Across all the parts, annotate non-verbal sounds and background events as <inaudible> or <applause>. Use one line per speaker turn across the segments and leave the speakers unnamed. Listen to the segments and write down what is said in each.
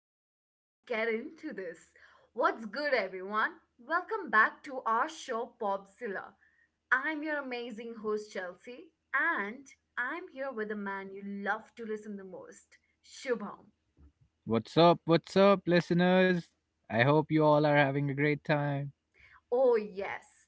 let's get into this. What's good, everyone? Welcome back to our show, Popzilla. I'm your amazing host, Chelsea, and I'm here with the man you love to listen the most, Shubham.
What's up? What's up, listeners? I hope you all are having a great time.
Oh, yes.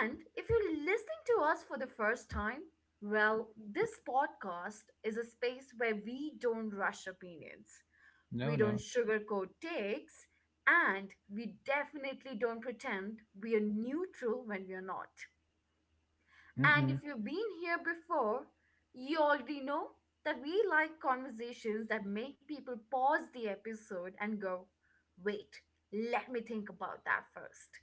And if you're listening to us for the first time, well, this podcast is a space where we don't rush opinions.
No,
We don't
no.
sugarcoat takes, and we definitely don't pretend we are neutral when we are not. And if
Mm-mm.
you've been here before, you already know that we like conversations that make people pause the episode and go, wait, let me think about that first.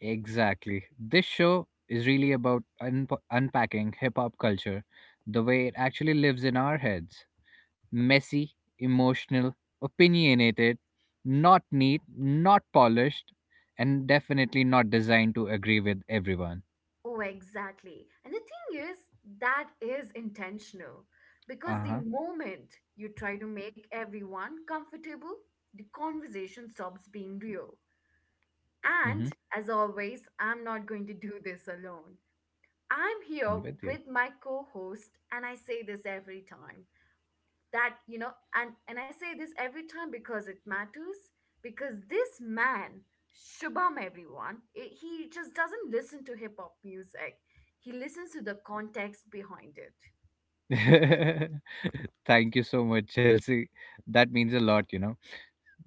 Exactly. This show is really about un unpacking hip hop culture the way it actually lives in our heads, messy, emotional, opinionated, not neat, not polished, and definitely not designed to agree with everyone.
Oh, exactly. And the thing is, that is intentional because
Uh
the
huh.
moment you try to make everyone comfortable, the conversation stops being real. And
Mm-hmm.
as always, I'm not going to do this alone. I'm here
I'm with you.
with my co host, and I say this every time that, you know, and I say this every time because it matters, because this man, Shubham, everyone, he just doesn't listen to hip hop music. He listens to the context behind it.
<laughs> Thank you so much, Chelsea. That means a lot, you know.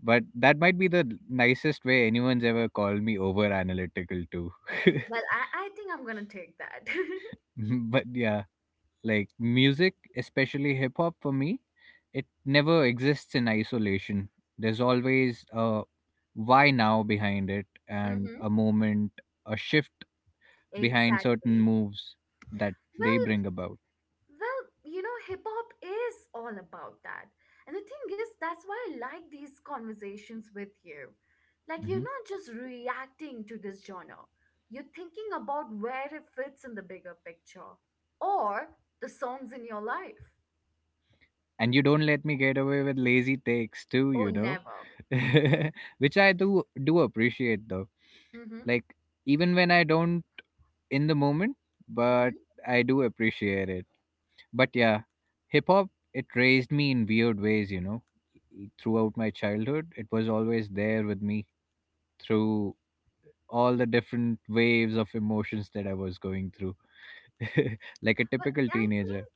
But that might be the nicest way anyone's ever called me over analytical too. <laughs>
Well, I think I'm going to take that. <laughs>
but yeah, like music, especially hip hop for me, it never exists in isolation. There's always a why now behind it, and a
hmm
moment, a shift behind certain
Exactly.
moves that they
Well,
bring about.
Well, you know, hip hop is all about that. And the thing is, that's why I like these conversations with you. Like, you're
Hmm
not just reacting to this genre, you're thinking about where it fits in the bigger picture or the songs in your life.
And you don't let me get away with lazy takes too,
Oh,
you know.
never.
<laughs> Which I do appreciate though.
Mm-hmm.
Like even when I don't in the moment, but
Mm-hmm.
I do appreciate it. But yeah, Hip hop, it raised me in weird ways, you know. Throughout my childhood, it was always there with me through all the different waves of emotions that I was going through, <laughs> like a
But
typical
I
teenager.
think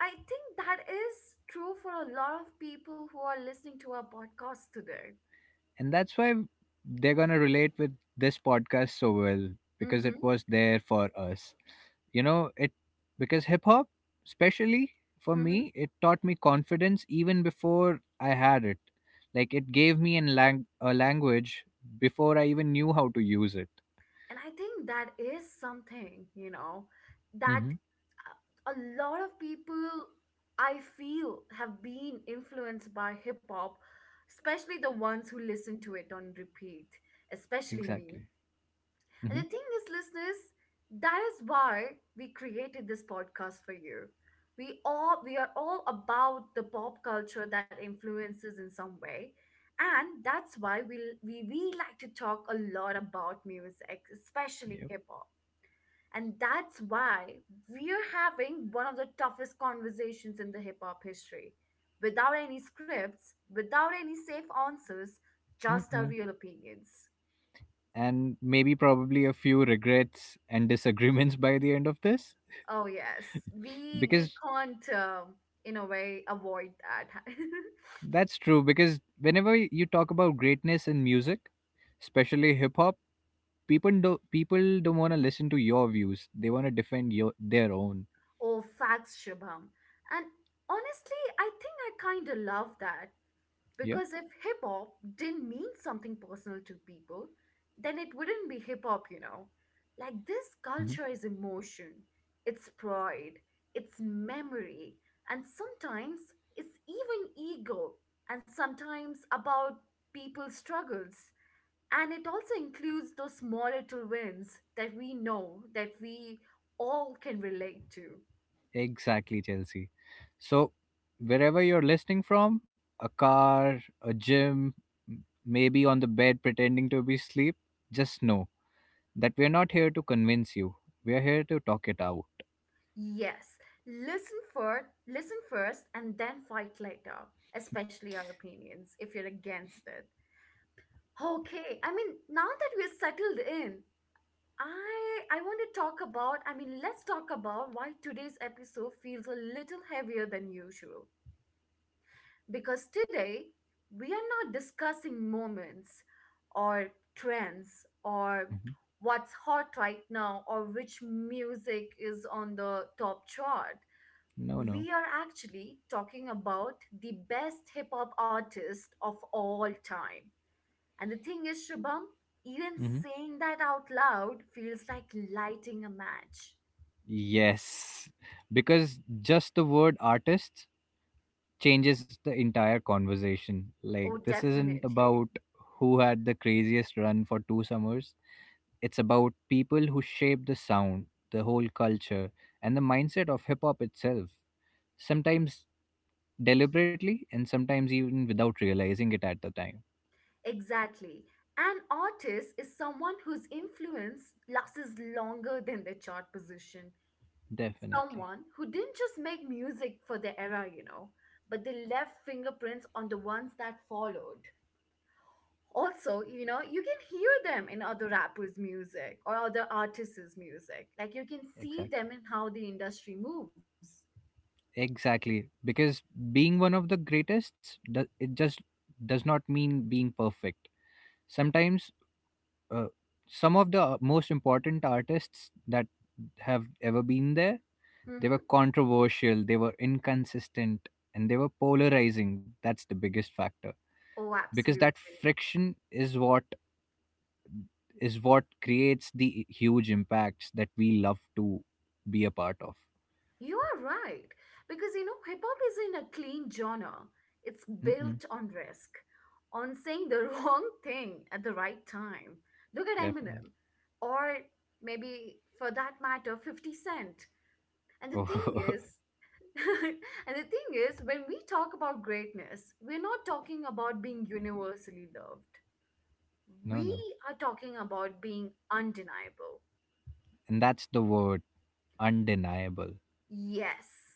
I think that is true for a lot of people who are listening to our podcast today.
And that's why they're going to relate with this podcast so well because it
Mm-hmm.
was there for us. You know, it, because hip hop, especially for
Mm-hmm.
me, it taught me confidence even before I had it. Like it gave me a language before I even knew how to use it.
And I think that is something, you know, that
Mm-hmm.
a lot of people I feel have been influenced by hip hop, especially the ones who listen to it on repeat, especially me.
Exactly.
And
Mm-hmm.
the thing is, listeners, that is why we created this podcast for you. We are all about the pop culture that influences in some way. And that's why we like to talk a lot about music, especially
Yep.
hip hop. And that's why we're having one of the toughest conversations in the hip hop history. Without any scripts, without any safe answers, just our
Mm-mm.
real opinions.
And maybe probably a few regrets and disagreements <laughs> by the end of this
Oh yes, we we
because…
can't uh, in a way avoid that. <laughs>
That's true, because whenever you talk about greatness in music, especially hip hop, people don't want to listen to your views. They want to defend your their own.
Oh, facts, Shubham. And honestly, I think I kind of love that
Yeah.
because if hip hop didn't mean something personal to people, then it wouldn't be hip hop, you know. Like this
hmm
culture is emotion, it's pride, it's memory, and sometimes it's even ego, and sometimes about people's struggles. And it also includes those small little wins that we know that we all can relate to.
Exactly, Chelsea. So wherever you're listening from, a car, a gym, maybe on the bed pretending to be asleep, just know that we're not here to convince you. We're here to talk it out.
Yes, listen first and then fight later, especially our opinions if you're against it. Okay, now that we're settled in, I want to talk about I mean let's talk about why today's episode feels a little heavier than usual. Because today, we are not discussing moments or trends or
Mhm.
what's hot right now or which music is on the top chart.
No, no.
We are actually talking about the best hip hop artist of all time. And the thing is, Shubham, even
hmm
saying that out loud feels like lighting a match.
Yes, because just the word artists changes the entire conversation. Like,
Oh,
this isn't
definitely.
about who had the craziest run for two summers, it's about people who shaped the sound, the whole culture, and the mindset of hip hop itself. Sometimes deliberately, and sometimes even without realizing it at the time.
Exactly. An artist is someone whose influence lasts longer than their chart position.
Definitely.
Someone who didn't just make music for their era, you know, but they left fingerprints on the ones that followed. Also, you know, you can hear them in other rappers' music or other artists' music. Like you can see
Exactly.
them in how the industry moves.
Exactly. Because being one of the greatest, it just does not mean being perfect. Sometimes uh, some of the most important artists that have ever been there, they were
Hmm.
controversial, they were inconsistent, and they were polarizing. That's the biggest factor,
Oh,
because that
absolutely.
friction is what creates the huge impacts that we love to be a part of.
You are right. Because you know, hip hop is in a clean genre. It's
Mm-mm,
built on risk, on saying the <laughs> wrong thing at the right time. Look at
definitely.
Eminem, or maybe for that matter, 50 Cent. And
<laughs>
the
Oh.
thing is, <laughs> and the thing is, when we talk about greatness, we're not talking about being universally loved.
<laughs> No, no.
We are talking about being undeniable.
And that's the word, undeniable.
Yes,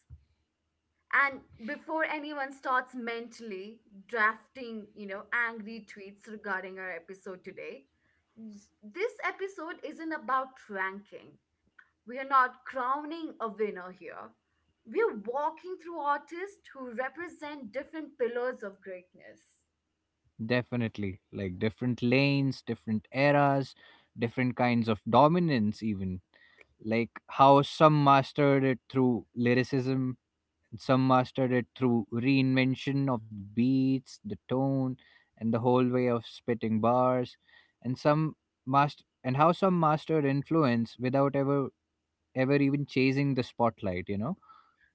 and before anyone starts mentally drafting, you know, angry tweets regarding our episode today, this episode isn't about ranking. We are not crowning a winner here. We're walking through artists who represent different pillars of greatness.
Definitely. Like different lanes, different eras, different kinds of dominance, even. Like how some mastered it through lyricism, and some mastered it through reinvention of the beats, the tone, and the whole way of spitting bars, and some master and how some mastered influence without ever even chasing the spotlight, you know?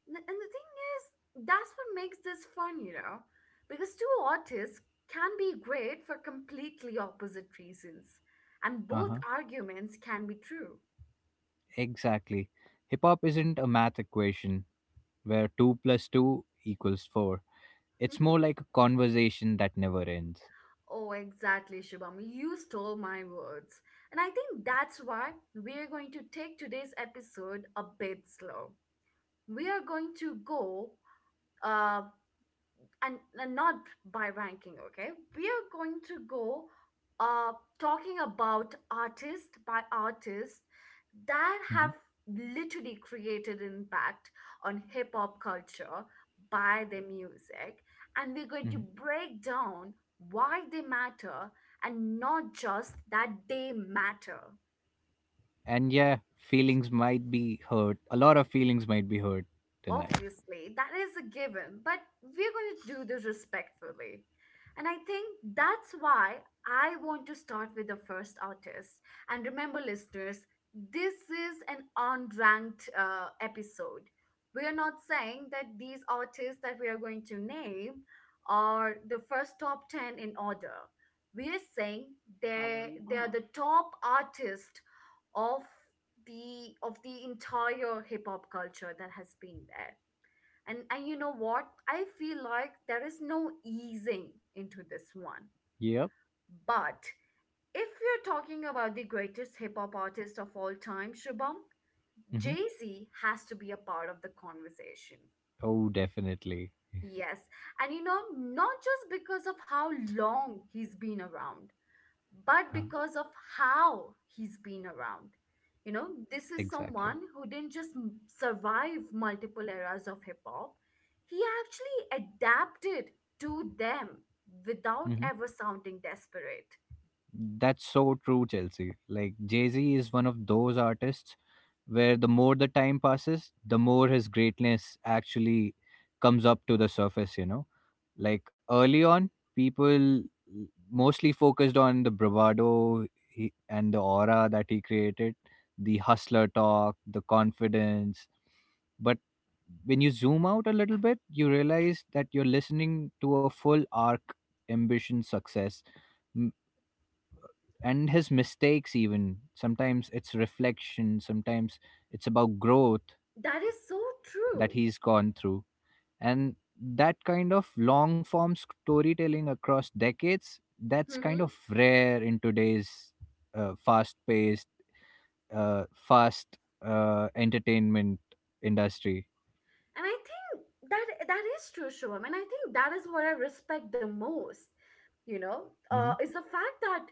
And the thing is, that's what makes this fun, you know, because two artists can be great for completely opposite reasons, and both
Uh-huh.
arguments can be true.
Exactly. Hip hop isn't a math equation where two plus two equals four. It's more
<laughs>
like a conversation that never ends.
Oh, exactly, Shubham. You stole my words. And I think that's why we're going to take today's episode a bit slow. We are going to go uh, and not by ranking, okay? We are going to go uh talking about artist by artist that have
Mhm,
literally created impact on hip hop culture by their music, and we're going to
mhm.
break down why they matter, and not just that they matter.
And yeah, feelings might be hurt. A lot of feelings might be hurt tonight.
Obviously, that is a given, but we're going to do this respectfully. And I think that's why I want to start with the first artist. And remember, listeners, this is an unranked episode. We are not saying that these artists that we are going to name are the first top 10 in order. We are saying they are the top artist of the entire hip hop culture that has been there. And you know what, I feel like there is no easing into this one,
Yep.
but if you're talking about the greatest hip hop artist of all time, Shubham,
hmm
Jay-Z has to be a part of the conversation.
Oh, definitely.
Yes, and you know, not just because of how long he's been around, but
Huh.
because of how he's been around. You know, this is
Exactly.
someone who didn't just survive multiple eras of hip hop, he actually adapted to them without
hmm
ever sounding desperate.
That's so true, Chelsea. Like, Jay Z is one of those artists where the more the time passes, the more his greatness actually comes up to the surface, you know? Like early on, people mostly focused on the bravado and the aura that he created, the hustler talk, the confidence. But when you zoom out a little bit, you realize that you're listening to a full arc, ambition, success, m- and his mistakes, even. Sometimes it's reflection, sometimes it's about growth
That is so
that
true.
he's gone through. And that kind of long form storytelling across decades, that's kind
Hmm.
of rare in today's fast paced, fast entertainment industry.
And I think that that is true, Shivam. And I think that is what I respect the most. You know,
Hmm
is the fact that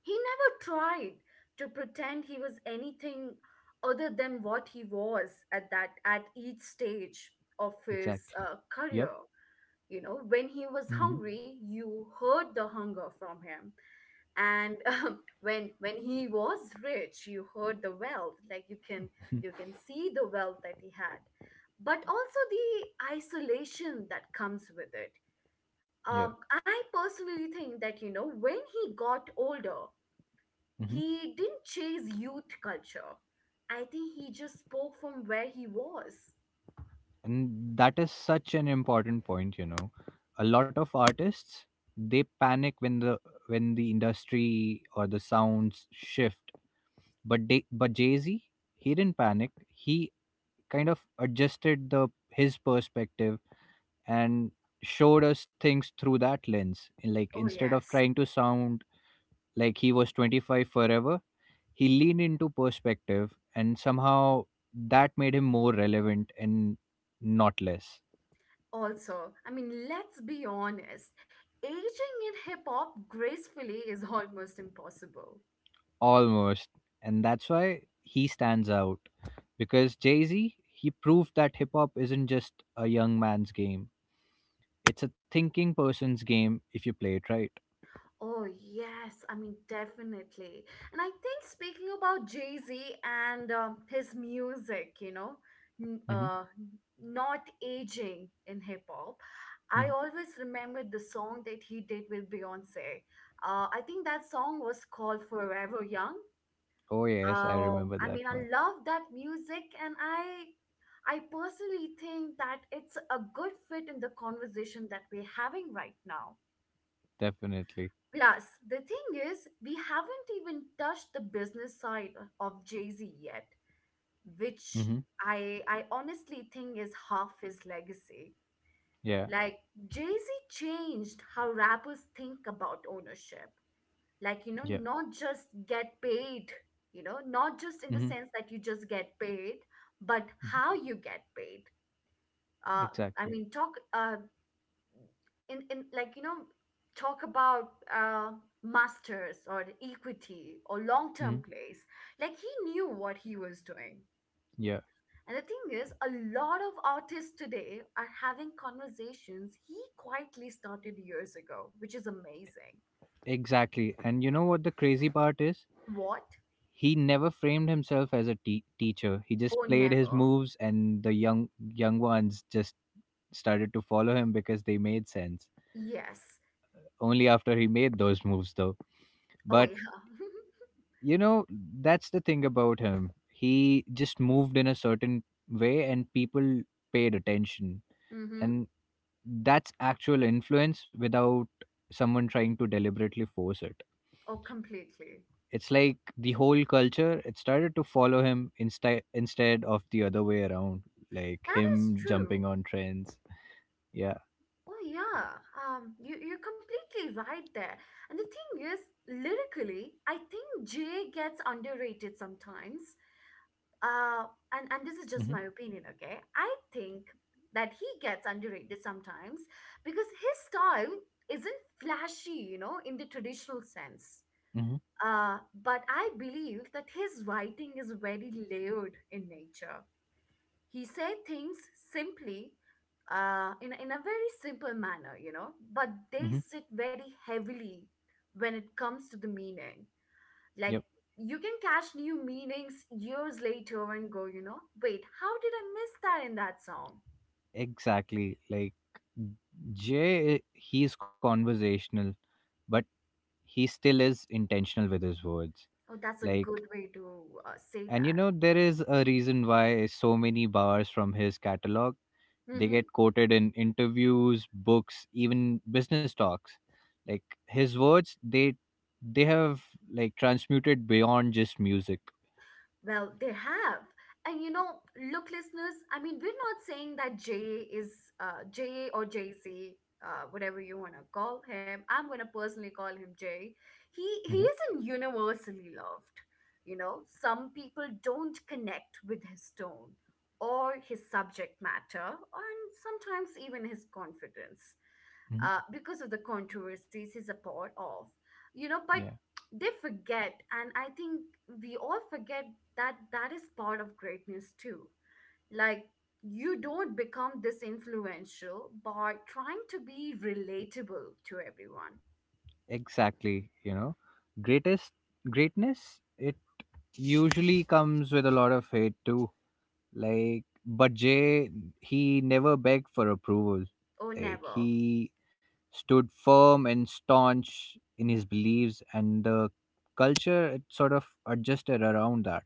he never tried to pretend he was anything other than what he was at that at each stage of his
exactly. Yep.
career. You know, when he was
hmm
hungry, you heard the hunger from him, and <laughs> when he was rich, you heard the wealth. Like you can see the wealth that he had, but also the isolation that comes with it.
yeah
I personally think that you know when he got older,
hmm
he didn't chase youth culture. I think he just spoke from where he was.
and that is such an important point, you know. A lot of artists, they panic when the industry or the sounds shift, but jay-z, he didn't panic. He kind of adjusted the his perspective and showed us things through that lens. In like
Oh,
instead of
yes.
trying to sound like he was 25 forever, he leaned into perspective, and somehow that made him more relevant, and not less.
Also, I mean, let's be honest. Aging in hip hop gracefully is <laughs> almost impossible.
Almost. And that's why he stands out, because jay-z, he proved that hip-hop isn't just a young man's game. It's a thinking person's game if you play it right.
Oh, yes. I mean, definitely. And I think speaking about Jay-Z and his music, you know, n-
hmm
uh, not aging in hip hop, I always remember the song that he did with Beyonce. I think that song was called Forever Young.
Oh yes, I remember
I
that
mean, I
one.
love that music and I personally think that it's a good fit in the conversation that we're having right now.
Definitely.
Plus, the thing is, we haven't even touched the business side of Jay Z yet, which
Mm-hmm.
I honestly think is half his legacy.
Yeah.
Like, Jay Z changed how rappers think about ownership. Like, you know,
Yeah.
not just get paid, you know, not just in the
Mm-hmm.
sense that you just get paid, but how you get paid. Uh, I
Exactly.
mean, talk. In like you know talk about uh masters or the equity or
hmm
long-term plays, like he knew what he was doing.
Yeah.
And the thing is, a lot of artists today are having conversations he quietly started years ago, which is amazing.
Exactly. And you know what the crazy part is?
What?
He never framed himself as a teacher. He just
Or
played his
never.
moves, and the young ones just started to follow him because they made sense.
Yes.
Only after he made those moves, though.
Oh
But
yeah.
you know, that's the thing about him. He just moved in a certain way, and people paid attention.
<laughs> Mm-hmm.
And that's actual influence without someone trying to deliberately force it.
Oh completely.
It's like the whole culture, it started to follow him, instead of the other way around, like
That is
him jumping
true.
on trends. Yeah.
Oh yeah, you're completely right there. And the thing is, lyrically, I think Jay gets underrated sometimes. Uh, and this is just
hmm
my opinion, okay? I think that he gets underrated sometimes because his style isn't flashy, you know, in the traditional sense.
hmm
But I believe that his writing is very layered in nature. He said things simply, in a very simple manner, you know, but they
hmm
sit very heavily when it comes to the meaning. Like
yep.
you can catch new meanings years later and go, you know, wait, how did I miss that in that song?
Exactly. Like Jay, he's conversational, but he still is intentional with his words.
Oh, that's a good
Like,
way to say
and you
that.
know there is a reason why so many bars from his catalog, they
Mm-hmm.
get quoted in interviews, books, even business talks. Like his words, they have transmuted beyond just music.
Well, they have. And you know, look, listeners, I mean, we're not saying that Jay is Jay or Jay Z, whatever you want to call him. I'm going to personally call him Jay. He
Mhm,
isn't universally loved. You know, some people don't connect with his tone or his subject matter, and sometimes even his confidence
mhm.
because of the controversies he's a part of. You know, but
Yeah,
they forget, and I think we all forget that that is part of greatness too. Like, you don't become this influential by trying to be relatable to everyone
exactly. You know, greatest greatness, it usually comes with a lot of hate too. Like, but Jay, he never begged for approval.
or
Like,
never.
he stood firm and staunch in his beliefs, and the culture, it sort of adjusted around that.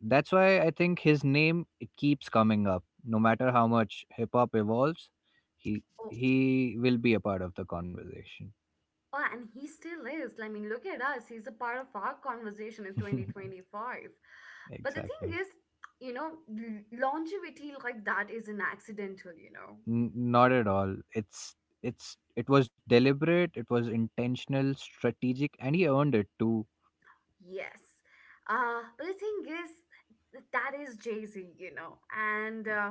That's why I think his name, it keeps coming up, no matter how much hip hop evolves. He
Oh,
he will be a part of the conversation.
oh, and he still is. I mean, look at us, he's a part of our conversation in
<laughs>
2025. But the
Exactly.
thing is, longevity like that is an accidental, you know.
N- not at all. It's it was deliberate. It was intentional, strategic, and he earned it too.
Yes. But the thing is, that is Jay Z, you know, and uh,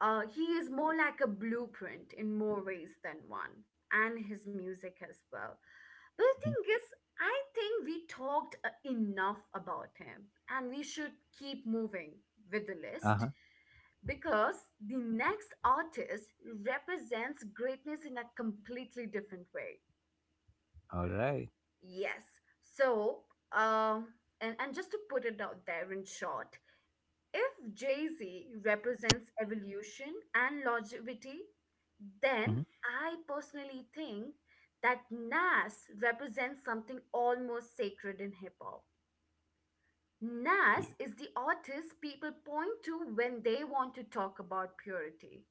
uh, he is more like a blueprint in more ways than one, and his music as well. But the
Mhm.
thing is, I think we talked enough about him, and we should keep moving with the list,
Uh-huh.
because the next artist represents greatness in a completely different way.
All right.
Yes. So, um, and just to put it out there in short, if Jay Z represents evolution and longevity, then
Mhm.
I personally think that Nas represents something almost sacred in hip hop. Nas
Yeah.
is the artist people point to when they want to talk about purity,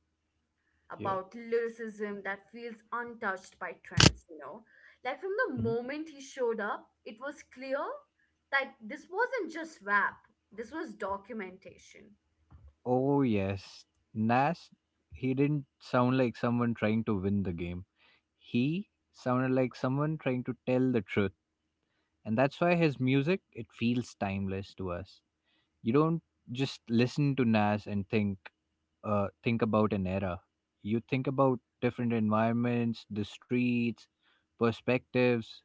Yeah.
about lyricism that feels untouched by trends, you know. Like, from the
Mhm.
moment he showed up, it was clear that this wasn't just rap, this was documentation.
Oh yes, Nash. He didn't sound like someone trying to win the game. He sounded like someone trying to tell the truth, and that's why his music, it feels timeless to us. You don't just listen to Nas and think, think about an era. You think about different environments, the streets, perspectives.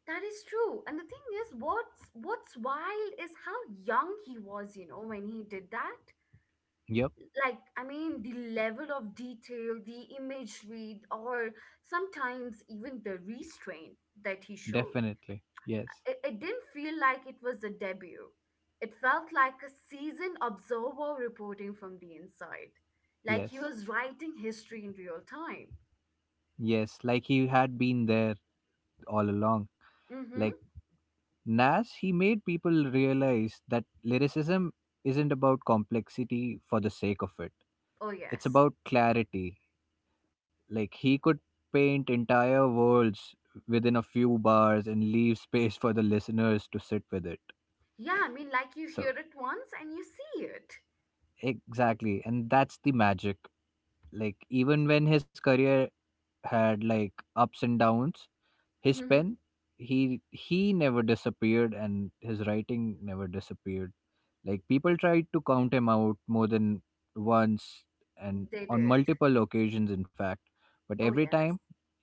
That is true. And the thing is, what's wild is how young he was, you know, when he did that.
Yep,
Like, I mean, the level of detail, the imagery, or sometimes even the restraint that he showed.
definitely. Yes,
It didn't feel like it was a debut. It felt like a seasoned observer reporting from the inside, like he
yes,
was writing history in real time.
yes. Like he had been there all along. Like
Mm-hmm.
Nas, he made people realize that lyricism isn't about complexity for the sake of it.
Oh,
It's
yes.
about clarity. Like he could paint entire worlds within a few bars and leave space for the listeners to sit with it.
Yeah, I mean, like, you hear
So,
it once and you see it.
exactly. And that's the magic. Like, even when his career had like ups and downs, his
Mm-hmm.
pen, he never disappeared, and his writing never disappeared. Like people tried to count him out more than once, and
They
on
did.
multiple occasions, in fact. But
Oh,
every time,
yes.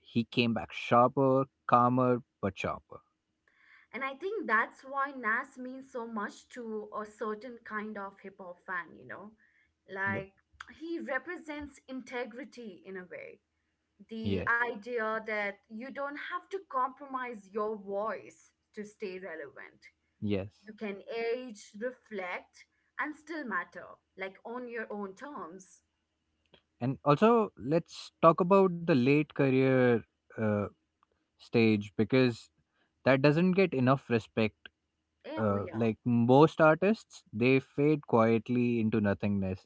he came back sharper, calmer, but sharper.
And I think that's why Nas means so much to a certain kind of hip hop fan, you know?
Yep.
Like, he represents integrity in a way, the
Yes,
idea that you don't have to compromise your voice to stay relevant.
yes.
You can age, reflect, and still matter, like on your own terms.
And also, let's talk about the late career uh, stage, because that doesn't get enough respect,
Eh, oh, yeah.
like most artists, they fade quietly into nothingness.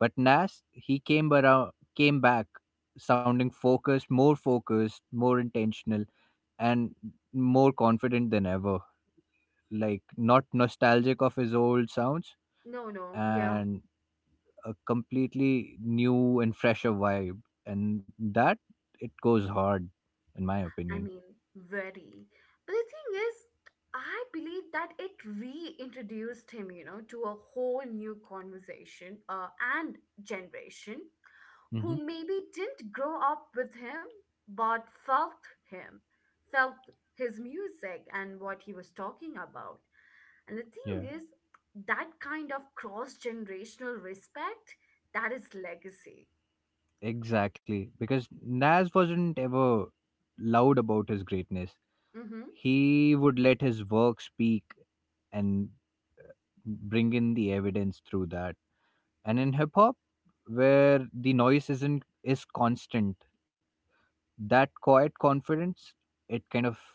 But Nas, he came around, came back sounding focused, more focused, more intentional, and more confident than ever. Like, not nostalgic of his old sounds,
No, no, yeah.
and a completely new and fresher vibe, and that, it goes hard, in my
I
opinion.
mean, very. But the thing is, I believe that it reintroduced him, you know, to a whole new conversation and generation
Hmm
who maybe didn't grow up with him, but felt him, felt his music and what he was talking about. And the thing
yeah,
is, that kind of cross generational respect, that is legacy.
exactly. Because Nas wasn't ever loud about his greatness.
Mm-hmm.
He would let his work speak and bring in the evidence through that. And in hip hop, where the noise isn't is constant, that quiet confidence, it kind of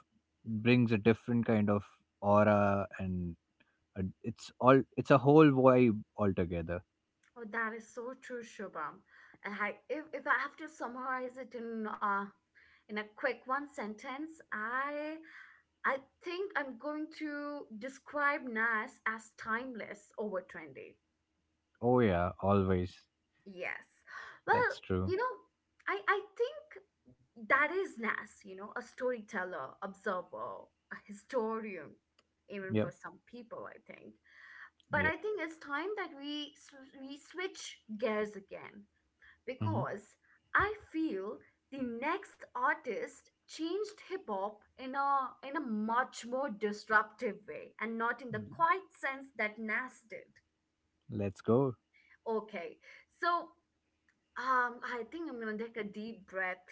brings a different kind of aura, and it's all, it's a whole vibe altogether.
Oh, that is so true, Shubham. And if I have to summarize it in a quick one sentence, I think I'm going to describe Nas as timeless over trendy.
Oh yeah, always.
Yes. Well,
That's true.
you know, I think that is Nas, you know, a storyteller, observer, a historian, even
Yep.
for some people, I think. But
Yeah.
I think it's time that we switch gears again,
hmm
because I feel the next artist changed hip hop in a much more disruptive way, and not in the quiet sense that Nas did.
let's go.
Okay. So, I think I'm gonna take a deep breath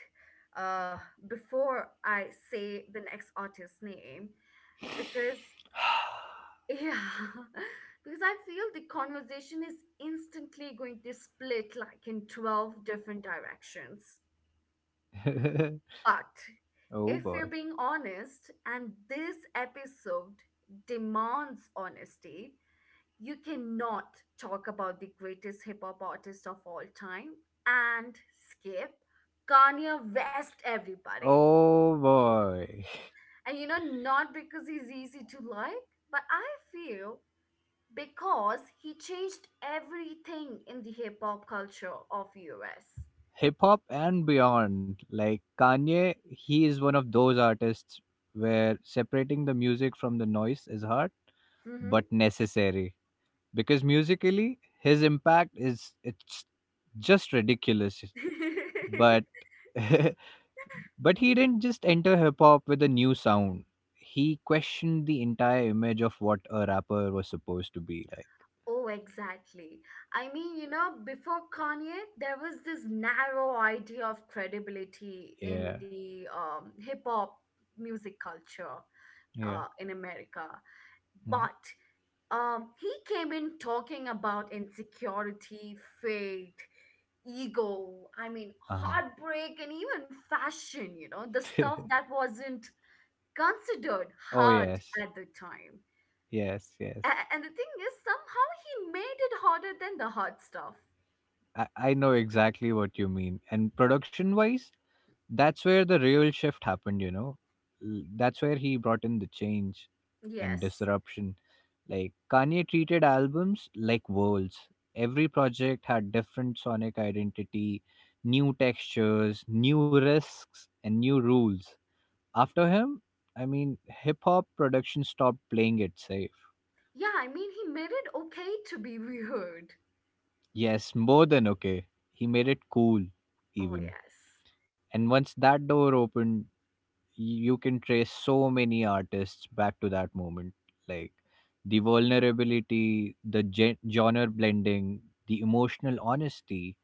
uh, before I say the next artist's name because,
<sighs>
yeah, <laughs> because I feel the conversation is instantly going to split like in 12 different directions.
<laughs>
But
Oh
if you're
boy.
being honest, and this episode demands honesty, you cannot talk about the greatest hip hop artist of all time and skip Kanye West, everybody.
Oh boy.
And you know, not because he's easy to like, but I feel because he changed everything in the hip hop culture of US.
Hip hop and beyond. Like Kanye, he is one of those artists where separating the music from the noise is hard, but necessary, because musically his impact, is it's just ridiculous.
Mm-hmm.
But
<laughs>
<laughs> but he didn't just enter hip hop with a new sound, he questioned the entire image of what a rapper was supposed to be like.
Oh, exactly. I mean, you know, before Kanye, there was this narrow idea of credibility in
Yeah.
the hip hop music culture
Yeah.
in America.
Mhm,
But he came in talking about insecurity, faith, ego, I mean,
uh-huh.
heartbreak, and even fashion, you know, the stuff that wasn't considered
<laughs> Oh
hard
yes.
at the time.
Yes, yes.
And the thing is, somehow he made it harder than the hard stuff.
I know exactly what you mean. And production wise, that's where the real shift happened, you know. L- that's where he brought in the change and
Yes.
disruption. Like Kanye treated albums like worlds. Every project had different sonic identity, new textures, new risks, and new rules. After him, I mean, hip hop production stopped playing it safe.
Yeah, I mean, he made it okay to be <laughs> weird.
Yes, more than okay. He made it cool,
Oh,
even.
yes.
And once that door opened, you can trace so many artists back to that moment, like the vulnerability, the genre blending, the emotional honesty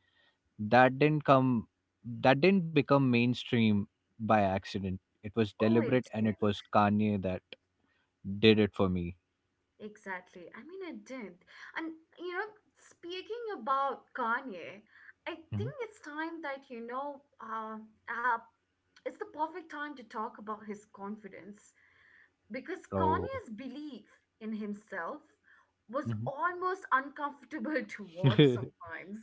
that didn't come that didn't become mainstream by accident. It was
Oh, it
deliberate, and it
didn't.
was Kanye that did it for me.
Exactly. I mean, it didn't. And, you know, speaking about Kanye, I think
Mhm.
it's time that, you know, uh, it's the perfect time to talk about his confidence, because
So.
Kanye's belief in himself was
Mhm.
almost uncomfortable <laughs> to watch
<laughs>
sometimes.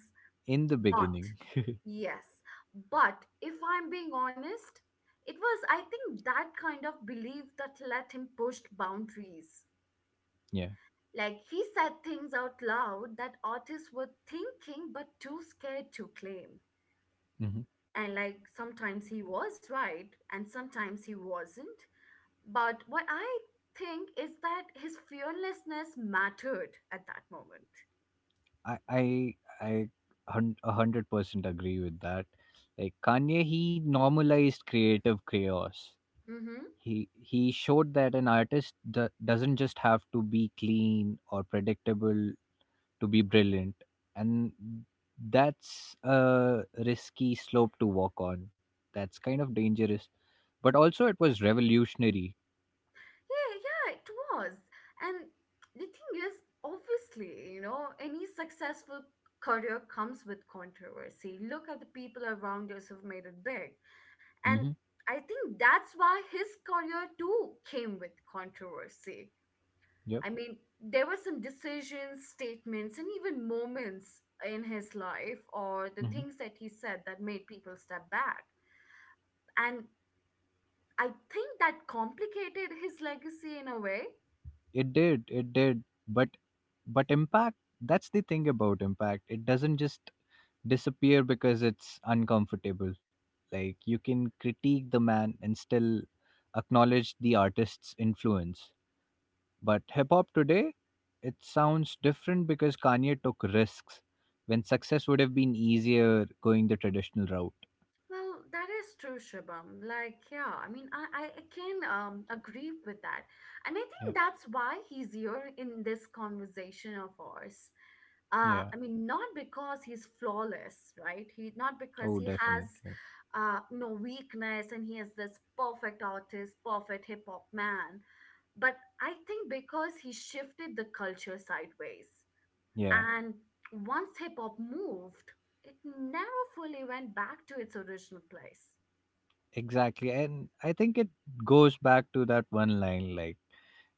In the
Not.
beginning.
Yes. But if I'm being honest, it was, I think, that kind of belief that let him push boundaries.
Yeah.
Like, he said things out loud that artists were thinking but too scared to claim.
Mhm.
And like, sometimes he was right and sometimes he wasn't. But what I think is that his fearlessness mattered at that moment.
i i I 100% agree with that. Like Kanye, he normalized creative chaos.
Mm-hmm.
He showed that an artist doesn't just have to be clean or predictable to be brilliant, and that's a risky slope to walk on. That's kind of dangerous, but also it was revolutionary.
Yeah, yeah, it was. And the thing is, obviously, you know, any successful career comes with controversy. Look at the people around us who've made it big.
Mm-hmm.
And I think that's why his career too came with controversy.
Yep.
I mean, there were some decisions, statements, and even moments in his life, or the things that he said that made people step back. And I think that complicated his legacy in a way.
It did, it did. But impact, that's the thing about impact. It doesn't just disappear because it's uncomfortable. Like you can critique the man and still acknowledge the artist's influence. But hip hop today, it sounds different because Kanye took risks when success would have been easier going the traditional route.
Well, that is true, Shubham. Like, yeah, I mean, I can agree with that. And I think
Yep.
that's why he's here in this conversation of ours.
Yeah.
I mean, not because he's flawless, right? He, not because
Oh,
he has
definitely.
no weakness and he is this perfect artist, perfect hip hop man. But I think because he shifted the culture sideways.
Yeah,
And once hip hop moved, it never fully went back to its original place.
exactly. And I think it goes back to that one line, like,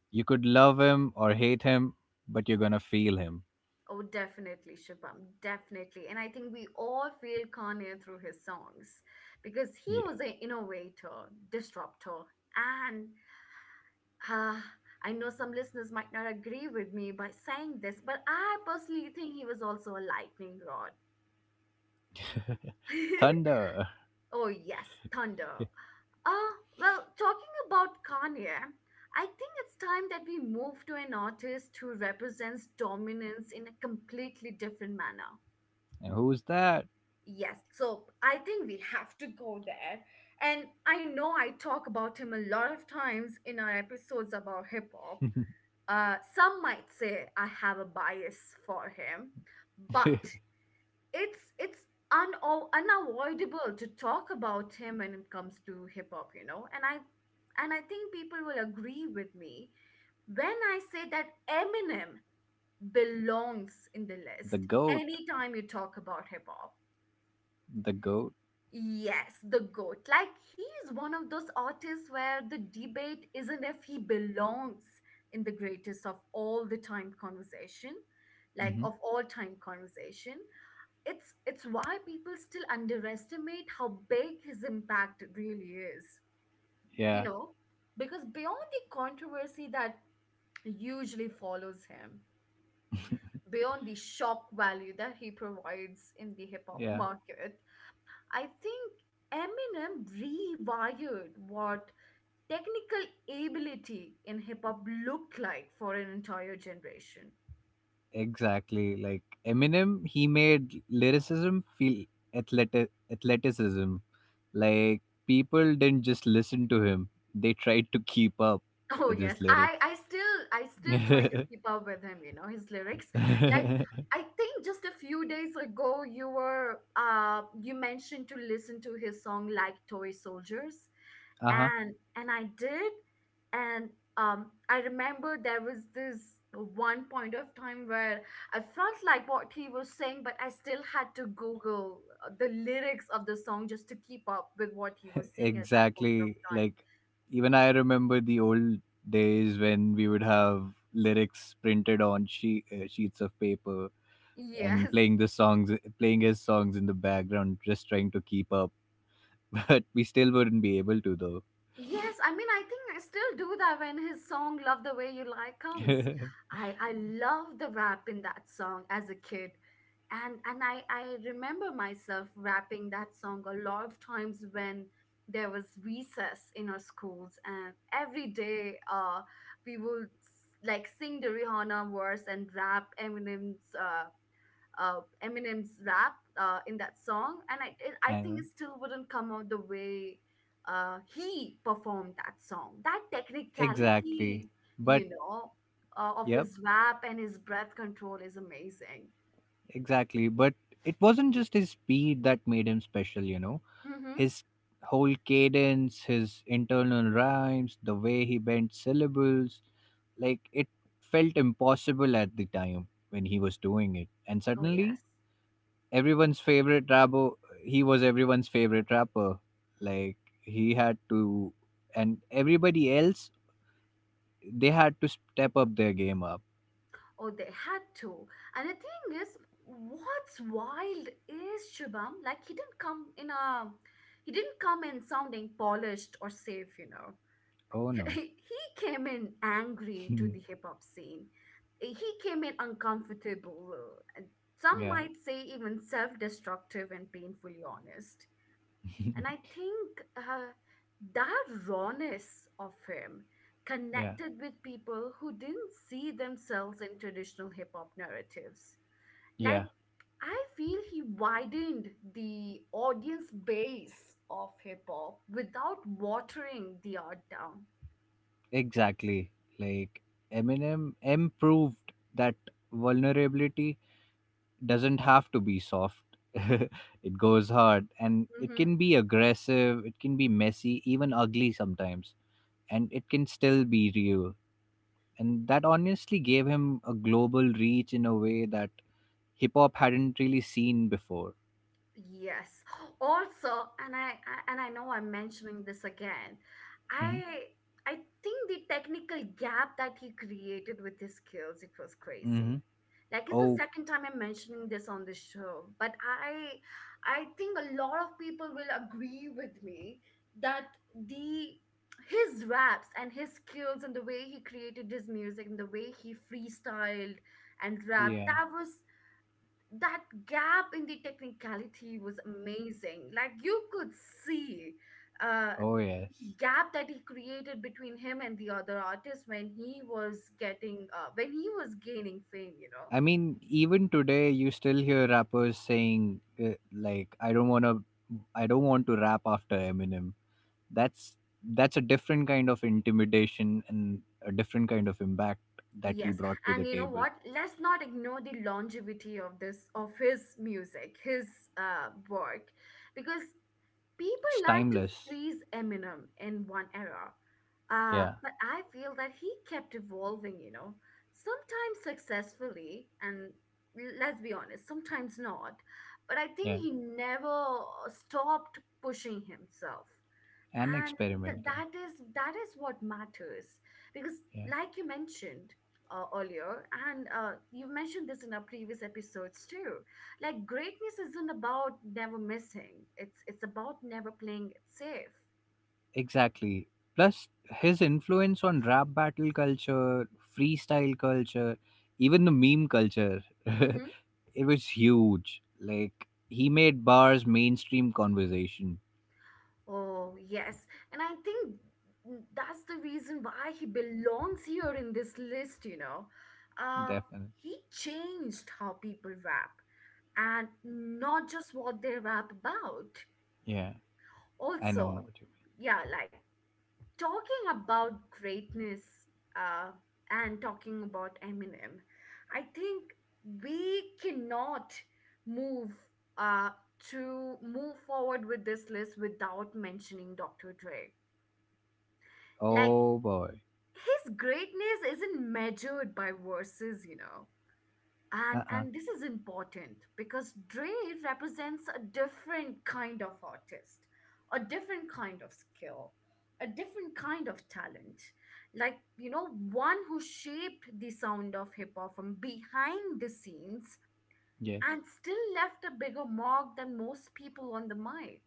you could love him or hate him, but you're gonna feel him.
Oh, definitely, Shubham, definitely. And I think we all feel Kanye through his songs, because he
Yeah.
was an innovator, disruptor. And uh, I know some listeners might not agree with me by saying this, but I personally think he was also a lightning rod. <laughs>
Thunder.
Oh, yes, Thunder. Well, talking about Kanye, I think it's time that we move to an artist who represents dominance in a completely different manner.
And who's that?
Yes, so I think we have to go there. And I know I talk about him a lot of times in our episodes about hip hop. Some might say I have a bias for him,
<laughs> The
but it's uno unavoidable to talk about him when it comes to hip hop, you know. And I think people will agree with me when I say that Eminem belongs in the list
goat.
anytime you talk about hip hop.
The goat.
Yes, the GOAT. Like, he's one of those artists where the debate isn't if he belongs in the greatest of all the time conversation, like
Hmm.
of all time conversation. It's why people still underestimate how big his impact really is, you
Yeah.
know, because beyond the controversy that usually follows him, beyond the shock value that he provides in the hip hop
Yeah.
market, I think Eminem rewired what technical ability in hip hop looked like for an entire generation.
Exactly. Like Eminem, he made lyricism feel athleticism. Like people didn't just listen to him; they tried to keep up
Oh
with
yes,
his lyrics.
I still I
<laughs>
still try to
uh
keep up with him, you know, his lyrics. Like, I think just a few days ago, you were you mentioned to listen to his song like Toy Soldiers,
huh.
and I did. And I remember there was this one point of time where I felt like what he was saying, but I still had to Google the lyrics of the song just to keep up with what he was saying at that point of
Exactly.
time.
Like, even I remember the old days when we would have lyrics printed on sheets of paper
<laughs>
and
Yes.
playing the songs, playing his songs in the background, just trying to keep up. <laughs> But we still wouldn't be able to, though.
Yes, I mean, I think I still do that when his song Love the Way You Lie comes.
<laughs> I
I love the rap in that song as a kid. And I remember myself rapping that song a lot of times when there was recess in our schools, and every day we would like sing the Rihanna verse and rap Eminem's rap in that song, and I think
know.
it still wouldn't come out the way he performed that song. That
Exactly.
technicality,
But,
you know, of
yep,
his rap and his breath control, is amazing.
exactly. But it wasn't just his speed that made him special, you know?
Mm-hmm.
His whole cadence, his internal rhymes, the way he bent syllables, like it felt impossible at the time when he was doing it. And
Oh
suddenly,
yes.
everyone's favorite rapper, he was everyone's favorite rapper. Like he had to, and everybody else, they had to step up their game up.
Oh, they had to. And the thing is, what's wild is, Shubham, like, he didn't come in sounding polished or safe, you know.
Oh
<laughs>
no.
He came in angry to the hip hop scene. He came in uncomfortable, and some
<laughs> Yeah.
might say even self destructive and painfully honest. And I think that rawness of him
Yeah.
connected with people who didn't see themselves in traditional hip hop narratives. Like,
Yeah.
I feel he widened the audience base of hip hop without watering the art down.
Exactly. Like Eminem improved that vulnerability doesn't have to be soft. <laughs> It goes hard, and it can be aggressive, it can be messy, even ugly sometimes, and it can still be real. And that honestly gave him a global reach in a way that hip hop hadn't really seen before.
Yes. Also, and I know I'm mentioning this again.
Hmm.
I I think the technical gap that he created with his skills, it was crazy.
Hmm.
Like, it's the
Oh,
second time I'm mentioning this on the show, but I think a lot of people will agree with me that the his raps and his skills and the way he created his music and the way he freestyled and rapped,
yeah.
that was, that gap in the technicality was amazing. Like you could see uh
Oh,
the
yes.
gap that he created between him and the other artist when he was getting when he was gaining fame, you know.
I mean, even today, you still hear rappers saying, like, I don't want to rap after Eminem. That's that's a different kind of intimidation and a different kind of impact that he
Yes,
brought to
and
the
you know
table.
what? Let's not ignore the longevity of this of his music, his work, because people
It's
like to
timeless.
freeze Eminem in one era,
Yeah.
but I feel that he kept evolving, you know, sometimes successfully, and let's be honest, sometimes not. But I
Yeah.
think he never stopped pushing himself,
And
and
experimenting.
that is what matters because,
Yeah.
like you mentioned earlier, and you've mentioned this in our previous episodes too, like greatness isn't about never missing, it's about never playing it safe.
Exactly. Plus his influence on rap battle culture, freestyle culture, even the meme culture, <laughs>
Mm-hmm.
it was huge. Like he made bars mainstream conversation.
Oh yes, and I think that's the reason why he belongs here in this list, you know. uh,
Definitely.
he changed how people rap, and not just what they rap about
Yeah. I know
also.
what you mean.
Yeah, like talking about greatness, uh, and talking about Eminem, I think we cannot move uh, to move forward with this list without mentioning Dr. Dre. Like,
Oh boy.
his greatness isn't measured by verses, you know. and
Uh-uh.
and this is important because Dre represents a different kind of artist, a different kind of skill, a different kind of talent. Like, you know, one who shaped the sound of hip hop from behind the scenes
Yes.
and still left a bigger mark than most people on the mic.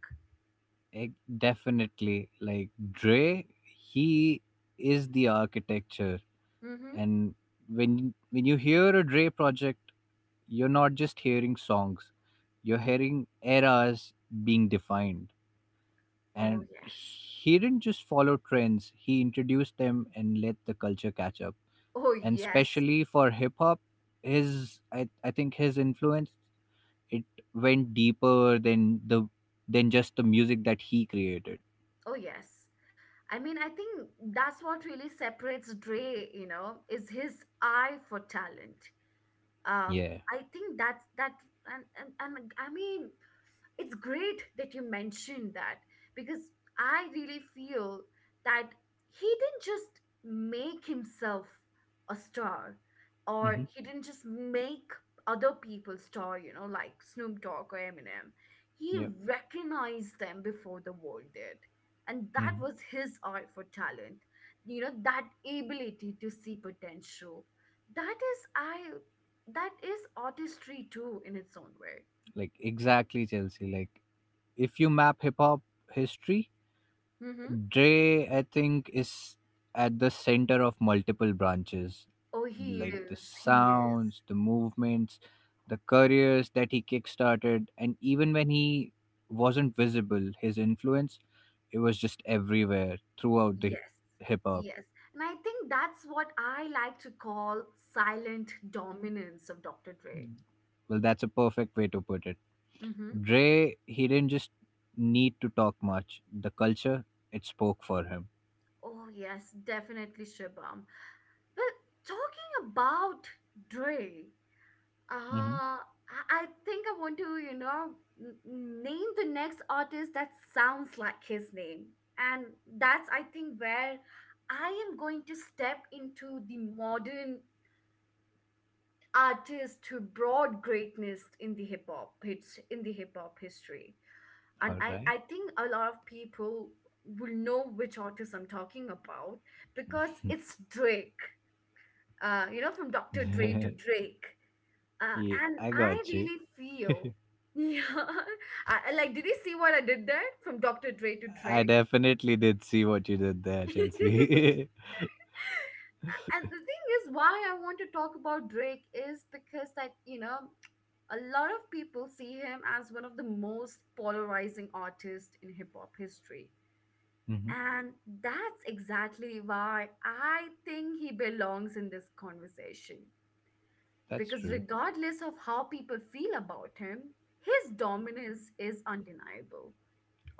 Ec- Definitely. Like Dre, he is the architecture.
Mm-hmm.
And when you hear a Dre project, you're not just hearing songs, you're hearing eras being defined.
Oh,
And
yes.
he didn't just follow trends, he introduced them and let the culture catch up.
Oh,
And
yes.
especially for hip hop, his I think his influence, it went deeper than the than just the music that he created.
Oh, yes. I mean, I think that's what really separates Dre, you know, is his eye for talent. uh,
Yeah.
I think that's that, and I mean, it's great that you mentioned that because I really feel that he didn't just make himself a star, or he didn't just make other people star, you know, like Snoop Dogg or Eminem. He
Yeah.
recognized them before the world did. And that
Mhm.
was his eye for talent. You know, that ability to see potential. That is I that is artistry too in its own way.
Like, exactly, Chelsea. Like if you map hip hop history,
Mm-hmm.
Dre, I think, is at the center of multiple branches.
Oh, he
Like the
is. He is.
sounds, the movements, the careers that he kickstarted, and even when he wasn't visible, his influence, it was just everywhere throughout the
Yes.
hip hop.
Yes. And I think that's what I like to call silent dominance of Dr. Dre.
Well, that's a perfect way to put it.
Mm-hmm.
Dre, he didn't just need to talk much. The culture, it spoke for him.
Oh, yes, definitely, Shibam. Well, talking about Dre,
Mhm.
uh, I I think I want to, you know, name the next artist that sounds like his name. And that's, I think, where I am going to step into the modern artist who brought greatness in the hip hop hits in the hip hop history. And
All right.
I think a lot of people will know which artist I'm talking about because it's Drake. You know, from Dr. Dre to
<laughs>
Drake.
Yeah,
And
I
I
got you.
really feel, <laughs> yeah. Like, did you see what I did there? From Dr. Dre to
I
Drake?
definitely did see what you did there,
<laughs>
Chelsea.
And the thing is, why I want to talk about Drake is because, that you know, a lot of people see him as one of the most polarizing artists in hip hop history,
<laughs> Hmm.
and that's exactly why I think he belongs in this conversation.
That's
Because
true.
regardless of how people feel about him, his dominance is undeniable.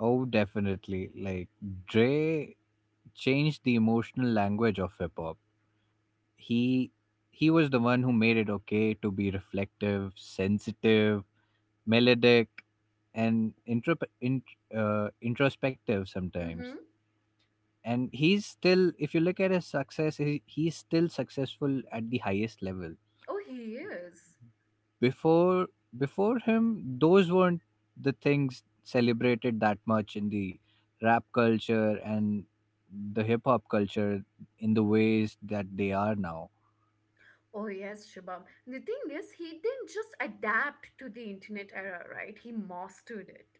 Oh, definitely. Like Dre changed the emotional language of hip hop. He he was the one who made it okay to be reflective, sensitive, melodic, and in, introspective sometimes.
Mhm.
And he's still, if you look at his success, he's still successful at the highest level.
Oh, he is.
Before before him, those weren't the things celebrated that much in the rap culture and the hip hop culture in the ways that they are now.
Oh yes, Shubham. The thing is, he didn't just adapt to the internet era, right? He mastered it.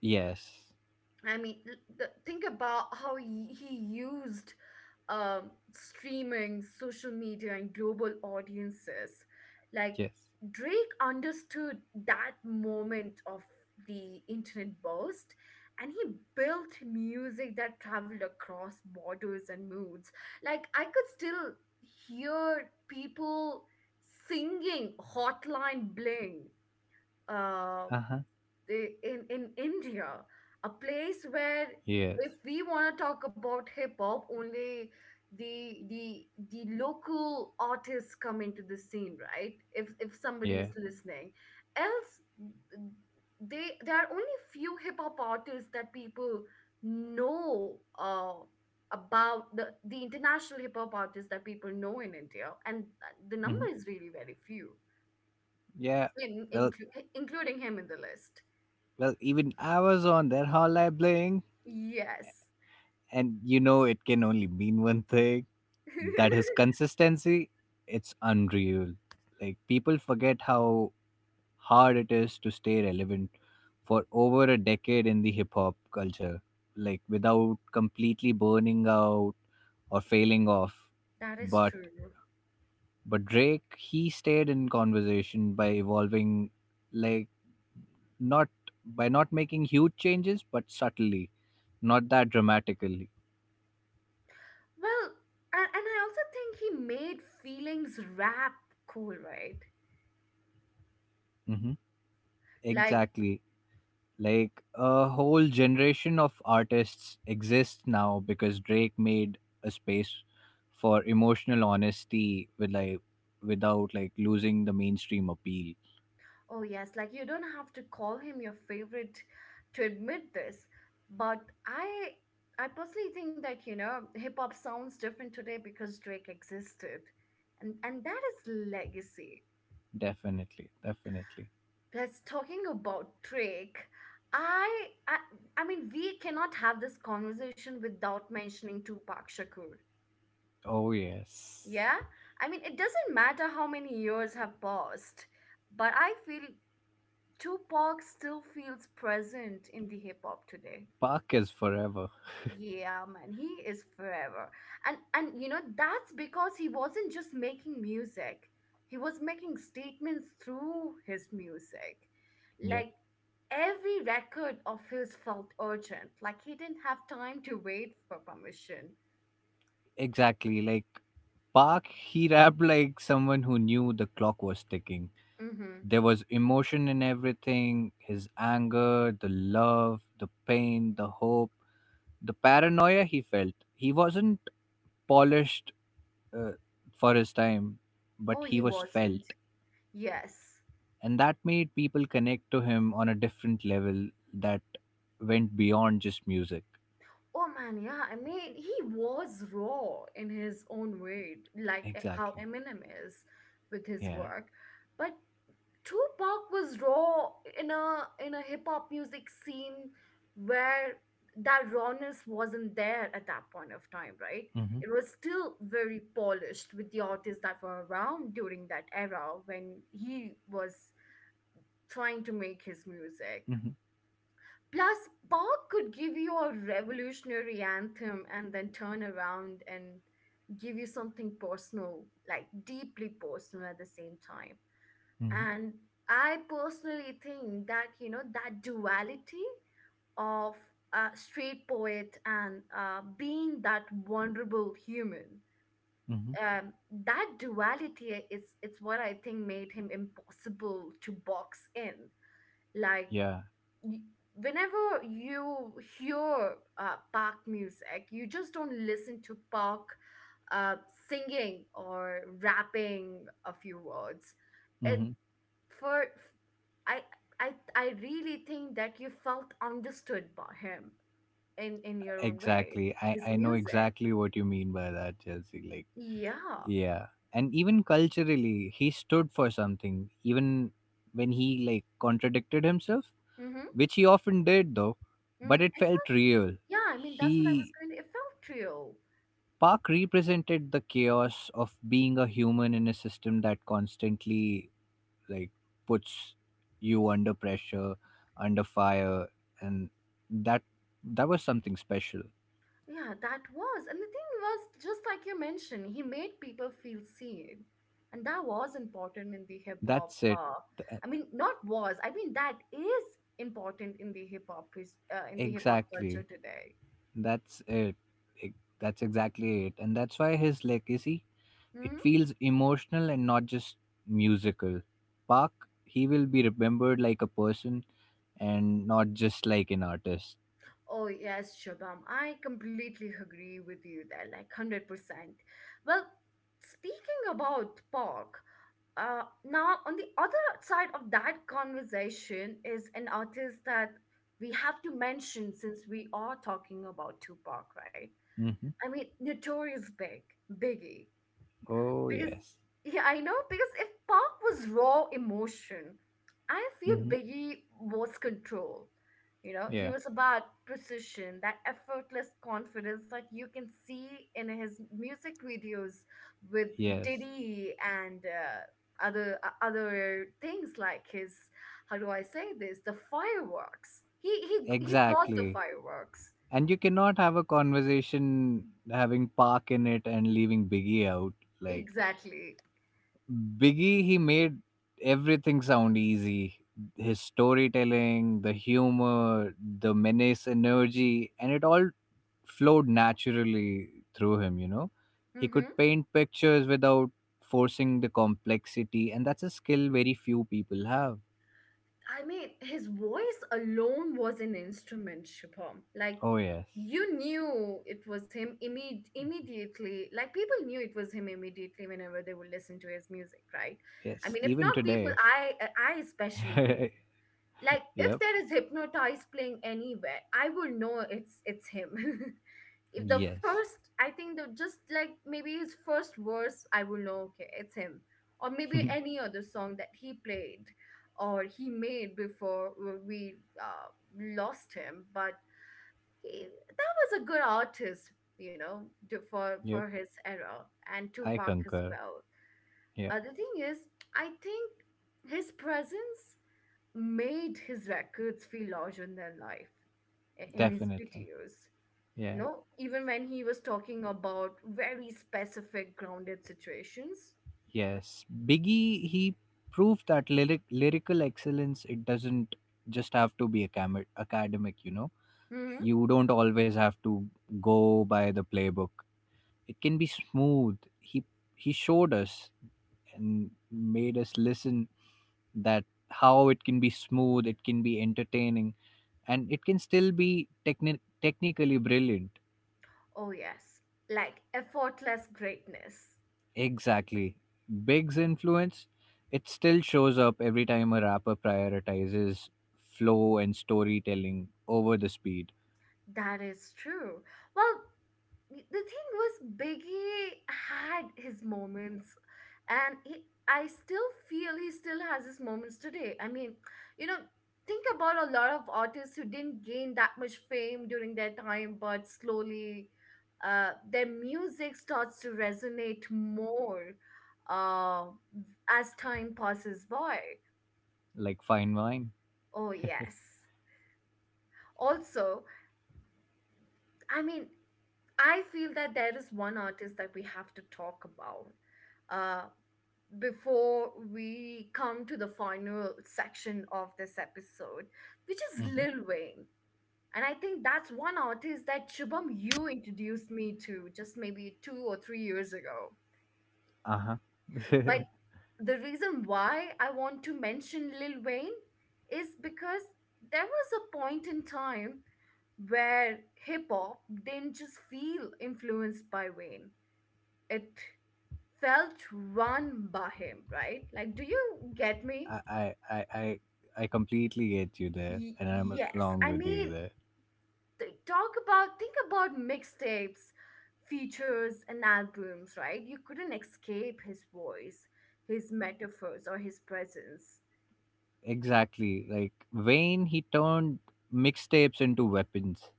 Yes.
I mean, think about how he used streaming, social media, and global audiences. Like,
Yes.
Drake understood that moment of the internet burst, and he built music that traveled across borders and moods. Like, I could still hear people singing Hotline Bling. Uh,
Uh-huh.
in India, a place where
Yes.
if we want to talk about hip hop, only the the the local artists come into the scene, right? If somebody
Yeah.
is listening, else they there are only few hip hop artists that people know about, the international hip hop artists that people know in India, and the
Hmm.
number is really very few,
Yeah. well
including him in the list.
well even I was on that Hotline Bling,
Yes.
and you know it can only mean one thing. That is
<laughs>
consistency. It's unreal. Like people forget how hard it is to stay relevant for over a decade in the hip hop culture, like without completely burning out or failing off.
That is
But
true.
but Drake, he stayed in conversation by evolving, like not by not making huge changes, but subtly, not that dramatically.
Well, and I also think he made feelings rap cool, right?
Hmm.
Like,
Exactly. Like a whole generation of artists exist now because Drake made a space for emotional honesty with, like, without, like, losing the mainstream appeal.
oh yes, like you don't have to call him your favorite to admit this, but I I personally think that, you know, hip hop sounds different today because Drake existed. And that is legacy.
Definitely, definitely.
Plus, talking about Drake, I I, I mean, we cannot have this conversation without mentioning Tupac Shakur.
Oh yes.
Yeah, I mean, it doesn't matter how many years have passed, but I feel Tupac still feels present in the hip hop today.
Park is forever.
Yeah, man, he is forever. And you know, that's because he wasn't just making music. He was making statements through his music.
Yep.
Like, every record of his felt urgent. Like, he didn't have time to wait for permission.
Exactly. Like Park, he rapped like someone who knew the clock was ticking.
Mm-hmm.
There was emotion in everything: his anger, the love, the pain, the hope, the paranoia he felt. He wasn't polished uh, for his time, but
Oh,
he
he
was
wasn't.
felt.
Yes.
And that made people connect to him on a different level that went beyond just music.
Oh man, yeah. I mean, he was raw in his own way, like how
Exactly.
Eminem is with his
Yeah.
work. But Tupac was raw in a hip hop music scene where that rawness wasn't there at that point of time, right?
Mm-hmm.
It was still very polished with the artists that were around during that era when he was trying to make his music.
Mm-hmm.
Plus, Park could give you a revolutionary anthem and then turn around and give you something personal, like deeply personal at the same time.
Mm-hmm.
And I personally think that, you know, that duality of a straight poet and being that vulnerable human.
Mm-hmm.
Um, that duality is it's what I think made him impossible to box in. Like,
Yeah.
y- whenever you hear park music, you just don't listen to park uh, singing or rapping a few words. It
Mm-hmm.
for I I really think that you felt understood by him in your own way.
Exactly. I,
His
I know
music,
exactly what you mean by that, Chelsea. Like,
yeah.
yeah. And even culturally, he stood for something, even when he like contradicted himself,
Mm-hmm.
which he often did though,
Mm-hmm.
but it
It
felt
felt,
real.
yeah, I mean that's what I
He
was going to. It felt real.
Park represented the chaos of being a human in a system that constantly like puts you under pressure, under fire, and that that was something special.
Yeah, that was. And the thing was, just like you mentioned, he made people feel seen. And that was important in the hip hop.
That's it. Th-
I mean, not was. I mean, that is important in the hip hop, is in the hip hop culture
Exactly.
today.
That's it. Ex- That's exactly it. And that's why his legacy, it
Hmm.
feels emotional and not just musical. Park, he will be remembered like a person and not just like an artist.
Oh, yes, Shabam. I completely agree with you there, like 100%. Well, speaking about pork, now on the other side of that conversation is an artist that we have to mention since we are talking about Tupac, right?
Hmm.
I mean, Notorious Big, Biggie.
Oh,
Because,
yes.
yeah, I know. Because if Park was raw emotion, I feel
Hmm.
Biggie was control. You know, he
Yeah.
was about precision, that effortless confidence that you can see in his music videos with
Yes.
Diddy, and other other things like his, how do I say this? The fireworks. He brought the
Exactly.
fireworks.
And you cannot have a conversation having Park in it and leaving Biggie out. Like,
Exactly.
Biggie, he made everything sound easy. His storytelling, the humor, the menace energy, and it all flowed naturally through him, you know. He
Mm-hmm.
could paint pictures without forcing the complexity, and that's a skill very few people have.
I mean, his voice alone was an instrument, Shubham. Like,
Oh, yes.
you knew it was him immediately. Like, people knew it was him immediately whenever they would listen to his music, right? I
Yes.
mean, if
Even
not people,
today.
I
<laughs>
especially do,
Yep.
like if there is hypnotize playing anywhere, I will know it's him. <laughs> If the
Yes.
first, I think the, just like maybe his first verse, I will know okay it's him, or maybe
<laughs>
any other song that he played or he made before we uh, lost him. But he, that was a good artist, you know, for
Yep.
his era, and
I
Tupac as
concur.
well.
Yeah.
The thing is, I think his presence made his records feel larger than life, in his
Definitely.
videos. You
Yeah.
know, even when he was talking about very specific grounded situations.
Yes. Biggie, he proved that lyrical excellence, it doesn't just have to be academic, you know.
Hmm.
You don't always have to go by the playbook. It can be smooth. He showed us and made us listen that how it can be smooth, it can be entertaining, and it can still be technically brilliant.
Oh, yes, like effortless greatness.
Exactly. Big's influence, it still shows up every time a rapper prioritizes flow and storytelling over the speed.
That is true. Well, the thing was, Biggie had his moments, and he I still feel he still has his moments today. I mean, you know, think about a lot of artists who didn't gain that much fame during their time, but slowly their music starts to resonate more uh, as time passes by.
Like fine wine.
Oh yes, also. I mean, I feel that there is one artist that we have to talk about uh, before we come to the final section of this episode, which is
Hmm.
Lil Wayne. And I think that's one artist that, Shubham, you introduced me to just maybe 2 or 3 years ago.
Uh-huh.
But
<laughs>
the reason why I want to mention Lil Wayne is because there was a point in time where hip hop didn't just feel influenced by Wayne. It felt run by him, right? Like, do you get me?
I, I i i I completely get you there, and I'm
Yes.
along
I
with you
mean,
there.
think about mixtapes, features, and albums, right? You couldn't escape his voice, his metaphors, or his presence.
Exactly. Like Wayne, he turned mixtapes into weapons.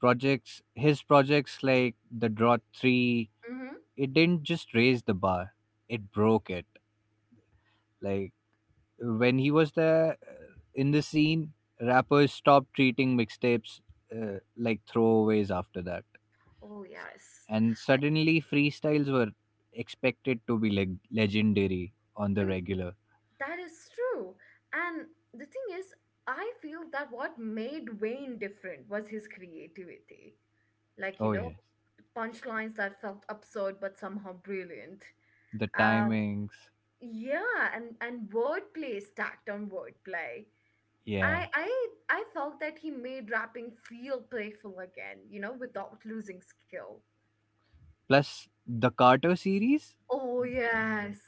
Projects, his projects like The Drought 3,
Mm-hmm.
it didn't just raise the bar, it broke it. Like when he was there, in the scene, rappers stopped treating mixtapes, like throwaways after that.
Oh, yes.
And suddenly, freestyles were expected to be legendary on the
And
regular.
that is true. And the thing is, I feel that what made Wayne different was his creativity. Like,
Oh,
you know,
yes.
punchlines that felt absurd but somehow brilliant.
The
Um,
timings.
yeah, and, wordplay stacked on wordplay.
Yeah.
I felt that he made rapping feel playful again, you know, without losing skill.
Plus, the Carter series,
Oh yes.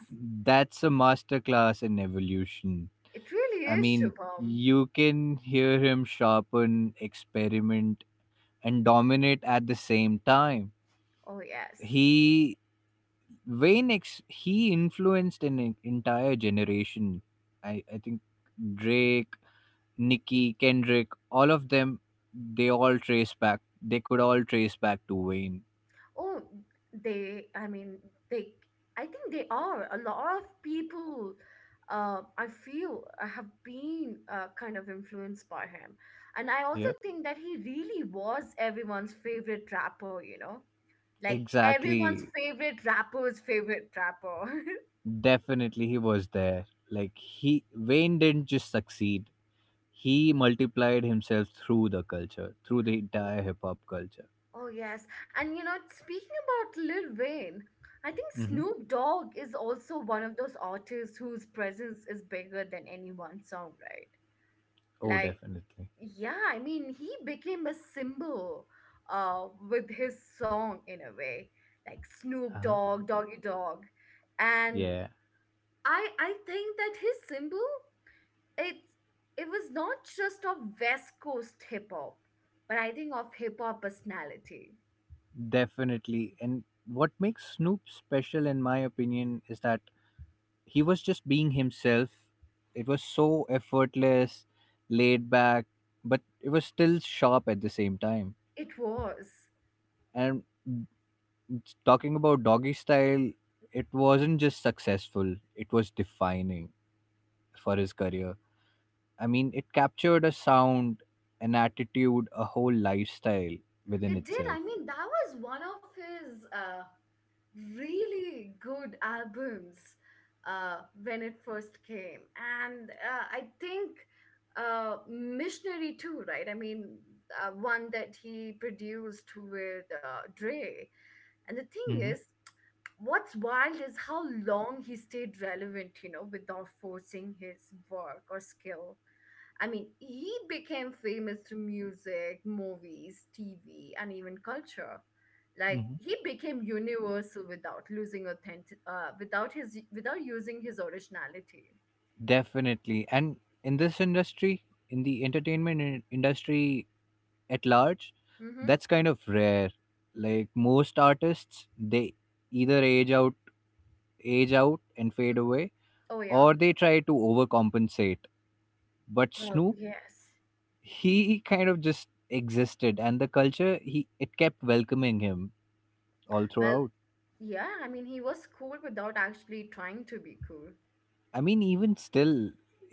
that's a masterclass in evolution.
It really
I
is,
mean,
Shubham.
you can hear him sharpen, experiment, and dominate at the same time.
Oh yes.
He he influenced an entire generation. I think Drake, Nicki, Kendrick, all of them, they all trace back. They could all trace back to Wayne.
Oh, they, I mean, they, I think they are. A lot of people, I feel, have been kind of influenced by him. And I also
Yep.
think that he really was everyone's favorite rapper, you know? Like everyone's
Exactly.
favorite rapper's favorite rapper. <laughs>
Definitely, he was there. Like he Wayne didn't just succeed; he multiplied himself through the culture, through the
Oh,
entire hip hop culture.
oh, yes. And, you know, speaking about Lil Wayne, I think
Hmm.
Snoop Dogg is also one of those artists whose presence is bigger than any one song, right?
Oh,
Like,
definitely.
yeah, I mean he became a symbol with his song in a way, like Snoop
Uh-huh.
Dogg, Doggy Dog. And
Yeah,
I think that his symbol, it, it was not just of West Coast hip hop, but I think of hip hop personality.
definitely. And what makes Snoop special, in my opinion, is that he was just being himself. It was so effortless, laid back, but it was still sharp at the same time.
it was
And talking about doggy style, it wasn't just successful, it was defining for his career. I mean, it captured a sound, an attitude, a whole lifestyle within
it did.
itself.
I mean, that was one of his really good albums uh, when it first came. And I think Missionary too, right? I mean, one that he produced with Dre. And the thing
Hmm.
is, what's wild is how long he stayed relevant, you know, without forcing his work or skill. I mean, he became famous through music, movies, TV, and even culture. Like
Hmm.
he became universal without losing authentic, without his, without using his originality.
Definitely. And in this industry, in the entertainment industry at large,
Mm-hmm.
that's kind of rare. Like most artists, they either age out and fade away,
Oh yeah.
or they try to overcompensate. But
Well,
Snoop,
yes.
he kind of just existed, and the culture, he it kept welcoming him all
Well,
throughout.
yeah. I mean, he was cool without actually trying to be cool.
I mean,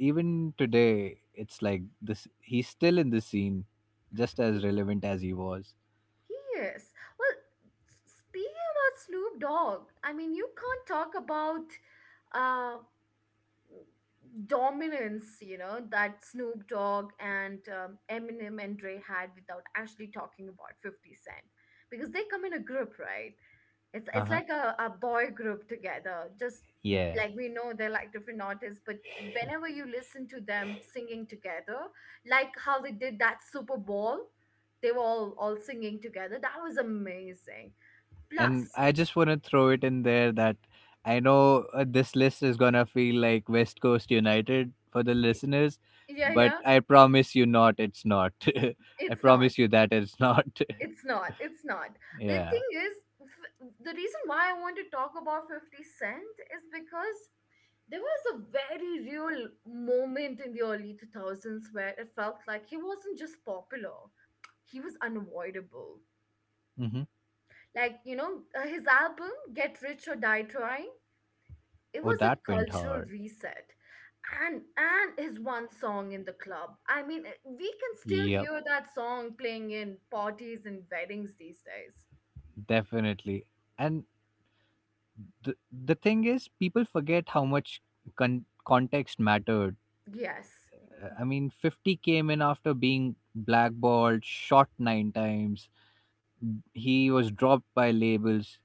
even today, it's like this, he's still in the scene just as
He,
relevant as he was.
he is. Well, speaking about Snoop Dogg, I mean, you can't talk about uh dominance, you know, that Snoop Dogg and Eminem and Dre had without actually talking about 50 Cent. Because they come in a group, right? It's
Uh-huh.
like a boy group together. Just
Yeah.
like we know they're like different artists, but whenever you listen to them singing together, like how they did that Super Bowl, they were all singing together. That was amazing.
And
Plus,
I just want to throw it in there that I know, this list is gonna feel like West Coast united for the listeners,
yeah,
but
yeah,
I promise you not, it's not. <laughs> I
it's not.
promise you that it's not.
It's not. It's not.
<laughs>
The
Yeah.
thing is, the reason why I want to talk about 50 Cent is because there was a very real moment in the early 2000s where it felt like he wasn't just popular, he was unavoidable.
Hmm.
Like, you know, his album, Get Rich or Die Trying, it
Oh,
was a
that went
cultural
hard.
reset. And his one song in the club. I mean, we can still
Yep,
hear that song playing in parties and weddings these days.
definitely. And the thing is, people forget how much context mattered.
Yes.
I mean, 50 came in after being blackballed, shot nine times. He was dropped by labels.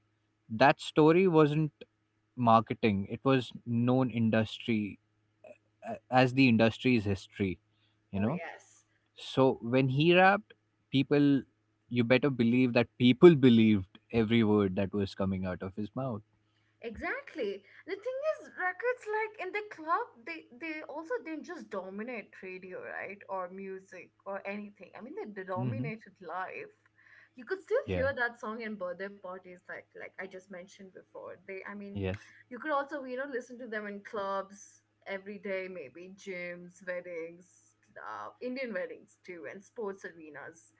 That story wasn't marketing, it was known industry as the industry's history, you
Oh
know?
yes,
So when he rapped, people, you better believe that people <laughs> believed every word that was coming out of his mouth.
exactly. The thing is, records like in the club, they also didn't just dominate radio, right, or music or anything. I mean, they
Mm-hmm.
dominated life. You could still
Yeah,
hear that song in birthday parties, like I just mentioned before. They, I mean,
yes.
you could also, you know, listen to them in clubs every day, maybe gyms, weddings, Indian weddings too, and sports arenas.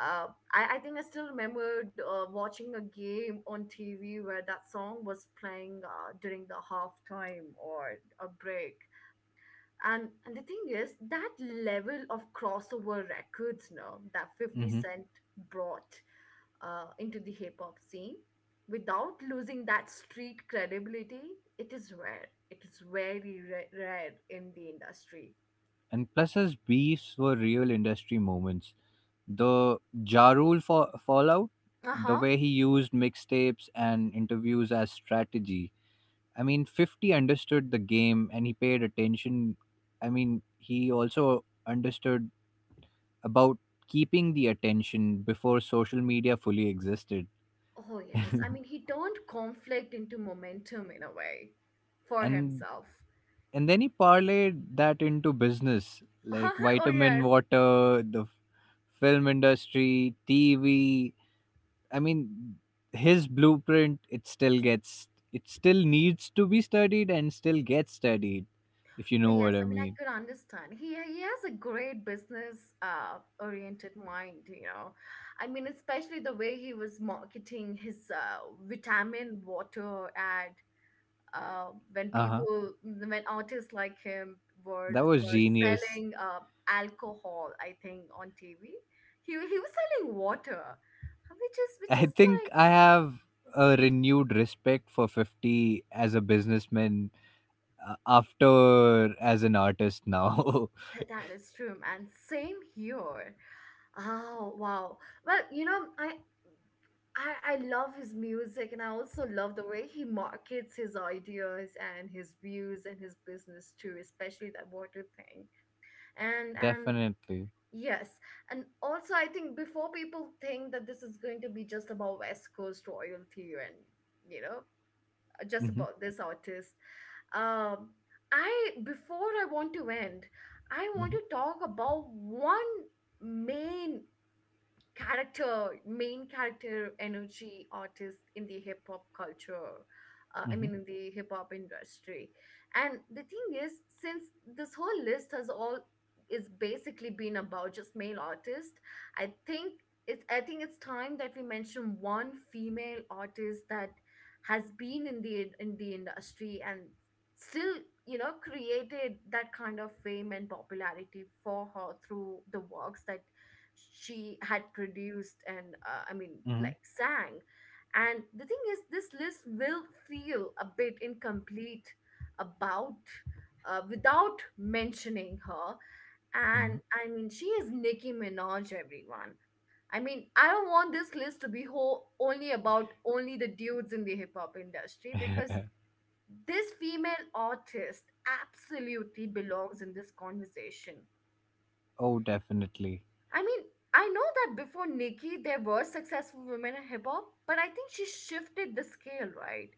Uh, I think I still remembered watching a game on TV where that song was playing during the halftime or a break. And the thing is that level of crossover records now that 50
Hmm.
Cent brought into the hip hop scene without losing that street credibility, it is rare. It is very rare in the industry.
And plus, his beefs were real industry moments. The Ja Rule fallout,
Uh
the
huh.
way he used mixtapes and interviews as strategy. I mean, 50 understood the game and he paid attention. I mean, he also understood about keeping the attention before social media fully existed. <laughs>
Oh, yes. I mean, he turned conflict into momentum in a way for
and
himself.
and then he parlayed that into business, like
<laughs> Oh,
vitamin
yes.
water, film industry, TV. I mean, his blueprint, it still needs to be studied and still gets studied, if you
Oh,
know
yes.
what I
I mean, I
mean.
could understand. He has a great business oriented mind, you know. I mean, especially the way he was marketing his vitamin water ad when
Uh-huh.
people, when artists like him were
That was genius.
selling alcohol, I think, on TV. He was selling water, which is
<laughs> I
like
think I have a renewed respect for 50 as a businessman, after, as an artist now.
<laughs> That is true, and same here. Oh wow. Well, you know, I love his music and I also love the way he markets his ideas and his views and his business too, especially that water thing. And
<laughs>
and
Definitely.
yes, and also I think before people think that this is going to be just about West Coast royalty and, you know, just
Mm-hmm,
about this artist, um, I, before I want to end, I want
mm-hmm,
to talk about one main main character energy artist in the hip hop culture. I mean, in the hip hop industry. And the thing is, since this whole list has all is basically been about just male artists, I think I think it's time that we mention one female artist that has been in the industry and still, you know, created that kind of fame and popularity for her through the works that she had produced and, I mean,
mm-hmm.
like sang. And the thing is, this list will feel a bit incomplete about without mentioning her. And
Mhm.
I mean, she is Nicki Minaj, everyone. I mean, I don't want this list to be whole only about only the dudes in the hip hop industry because
<laughs>
this female artist absolutely belongs in this conversation.
Oh, definitely.
I mean, I know that before Nikki, there were successful women in hip hop, but I think she shifted the scale, right?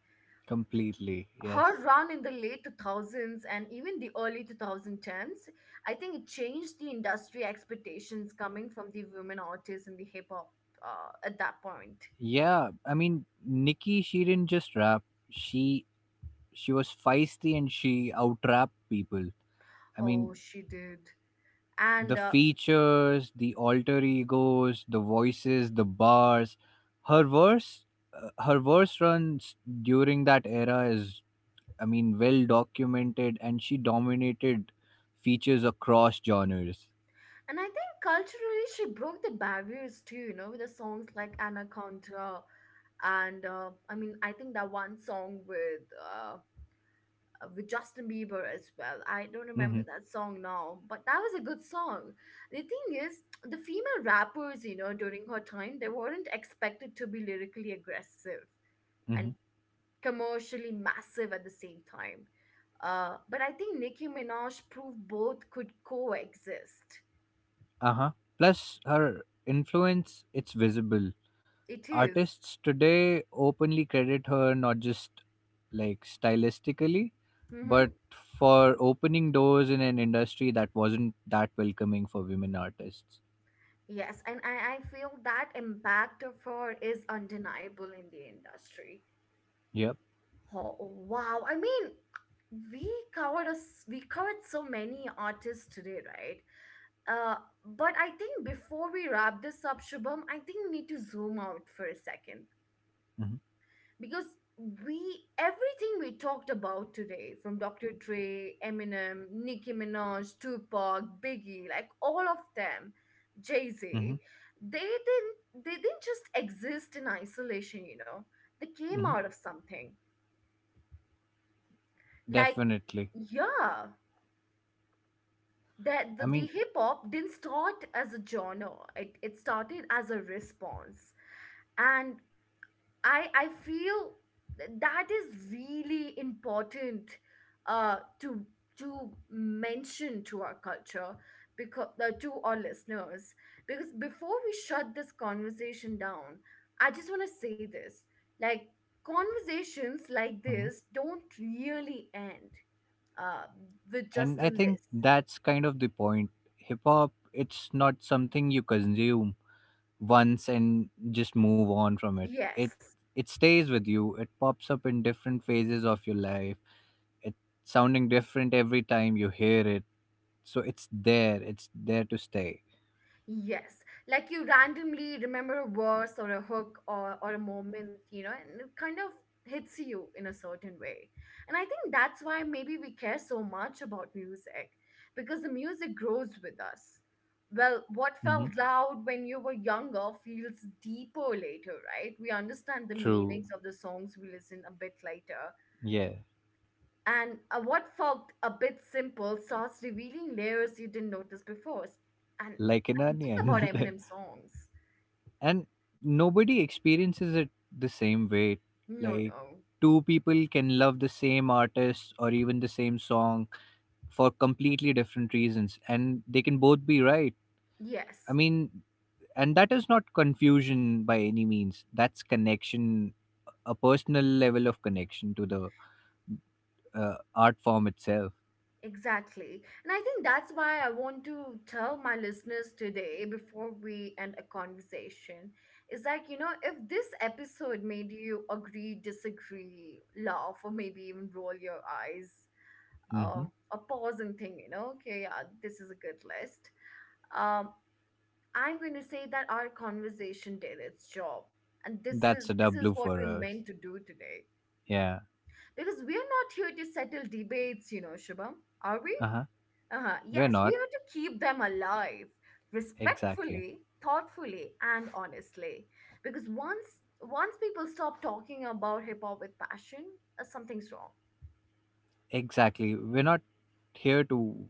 Completely.
Her
Yes.
run in the late 2000s and even the early 2010s, I think it changed the industry expectations coming from the women artists in the hip hop at that point.
Yeah, I mean, Nikki, she didn't just rap. She she was feisty and she outrap people. I mean,
Oh, she did.
the
And
features, the alter egos, the voices, the bars. Her verse, her verse runs during that era is, I mean, well documented, and she dominated features across genres.
and I think culturally she broke the barriers too, you know, with the songs like Anaconda, and, I mean, I think that one song uh, with Justin Bieber as well. I don't
Mm-hmm.
remember that song now, but that was a good song. The thing is, the female rappers, you know, during her time, they weren't expected to be lyrically aggressive and commercially massive at the same time. But I think Nicki Minaj proved both could coexist.
Uh-huh. Plus her influence, it's visible.
It is.
Artists today openly credit her not just like stylistically,
Mm-hmm.
but for opening doors in an industry that wasn't that welcoming for women artists.
Yes, and I feel that impact of her is undeniable in the industry.
Yep.
Oh, wow. I mean, we covered us we covered so many artists today, right? Uh, but I think before we wrap this up, Shubham, I think we need to zoom out for a second
Mm-hmm.
because we everything we talked about today, from Dr. Dre, Eminem, Nicki Minaj, Tupac, Biggie, like all of them, Jay
Mm-hmm.
Z, they didn't just exist in isolation, you know. They came
Mm-hmm.
out of something. Like
Definitely.
yeah, that
I
the
mean,
hip hop didn't start as a genre, it started as a response, and I feel that is really important uh to to mention to our culture, because to our listeners, because before we shut this conversation down, I just want to say this, like, conversations like
mhm.
this don't really end uh with
And
just a
I think
list.
that's kind of the point. Hip hop, it's not something you consume once and just move on from it. It
Yes.
it stays with you. It pops up in different phases of your life. It's sounding different every time you hear it. So it's there. It's there to stay.
Yes, like you randomly remember a verse or a hook, or a moment, you know, and it kind of hits you in a certain way. And I think that's why maybe we care so much about music, because the music grows with us. Well, what
Hmm.
felt loud when you were younger feels deeper later, right? We understand the
True.
meanings of the songs we listen a bit later.
Yeah.
And, what felt a bit simple starts revealing layers you didn't notice before. And,
Like an
and think about
onion.
Eminem
<laughs>
songs.
And nobody experiences it the same way.
No,
Like
no.
two people can love the same artist or even the same song for completely different reasons, and they can both be right.
Yes,
I mean, and that is not confusion by any means, that's connection, a personal level of connection to the art form itself.
exactly. And I think that's why I want to tell my listeners today before we end a conversation is like, you know, if this episode made you agree, disagree, laugh, or maybe even roll your eyes, uh,
Hmm.
or pause and think, you know, okay, yeah, this is a good list. Um, I'm going to say that our conversation did its job. And
That's a
this
W
is what
for
we
us.
meant to do today.
Yeah.
Because we are not here to settle debates, you know, Shubham, are we?
Uh-huh.
Uh-huh.
We're
Yes, we
not.
are to keep them alive,
Exactly,
respectfully, thoughtfully, and honestly. Because once people stop talking about hip hop with passion, something's wrong.
exactly, we're not here to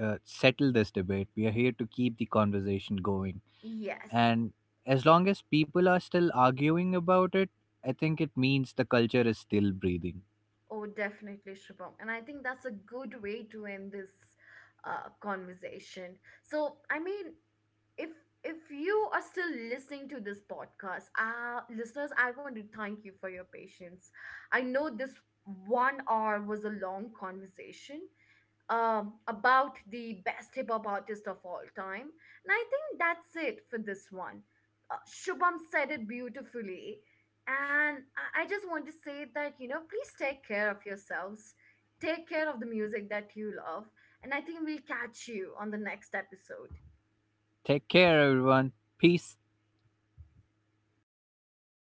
settle this debate. We are here to keep the conversation going.
Yes.
And as long as people are still arguing about it, I think it means the culture is still breathing.
Oh, definitely, Shubham. And I think that's a good way to end this, conversation. So, I mean, if you are still listening to this podcast, uh, listeners, I want to thank you for your patience. I know this 1 hour was a long conversation, um, about the best hip hop artist of all time, and I think that's it for this one. Shubham said it beautifully, and I just want to say that, you know, please take care of yourselves, take care of the music that you love, and I think we'll catch you on the next episode.
Take care, everyone. Peace.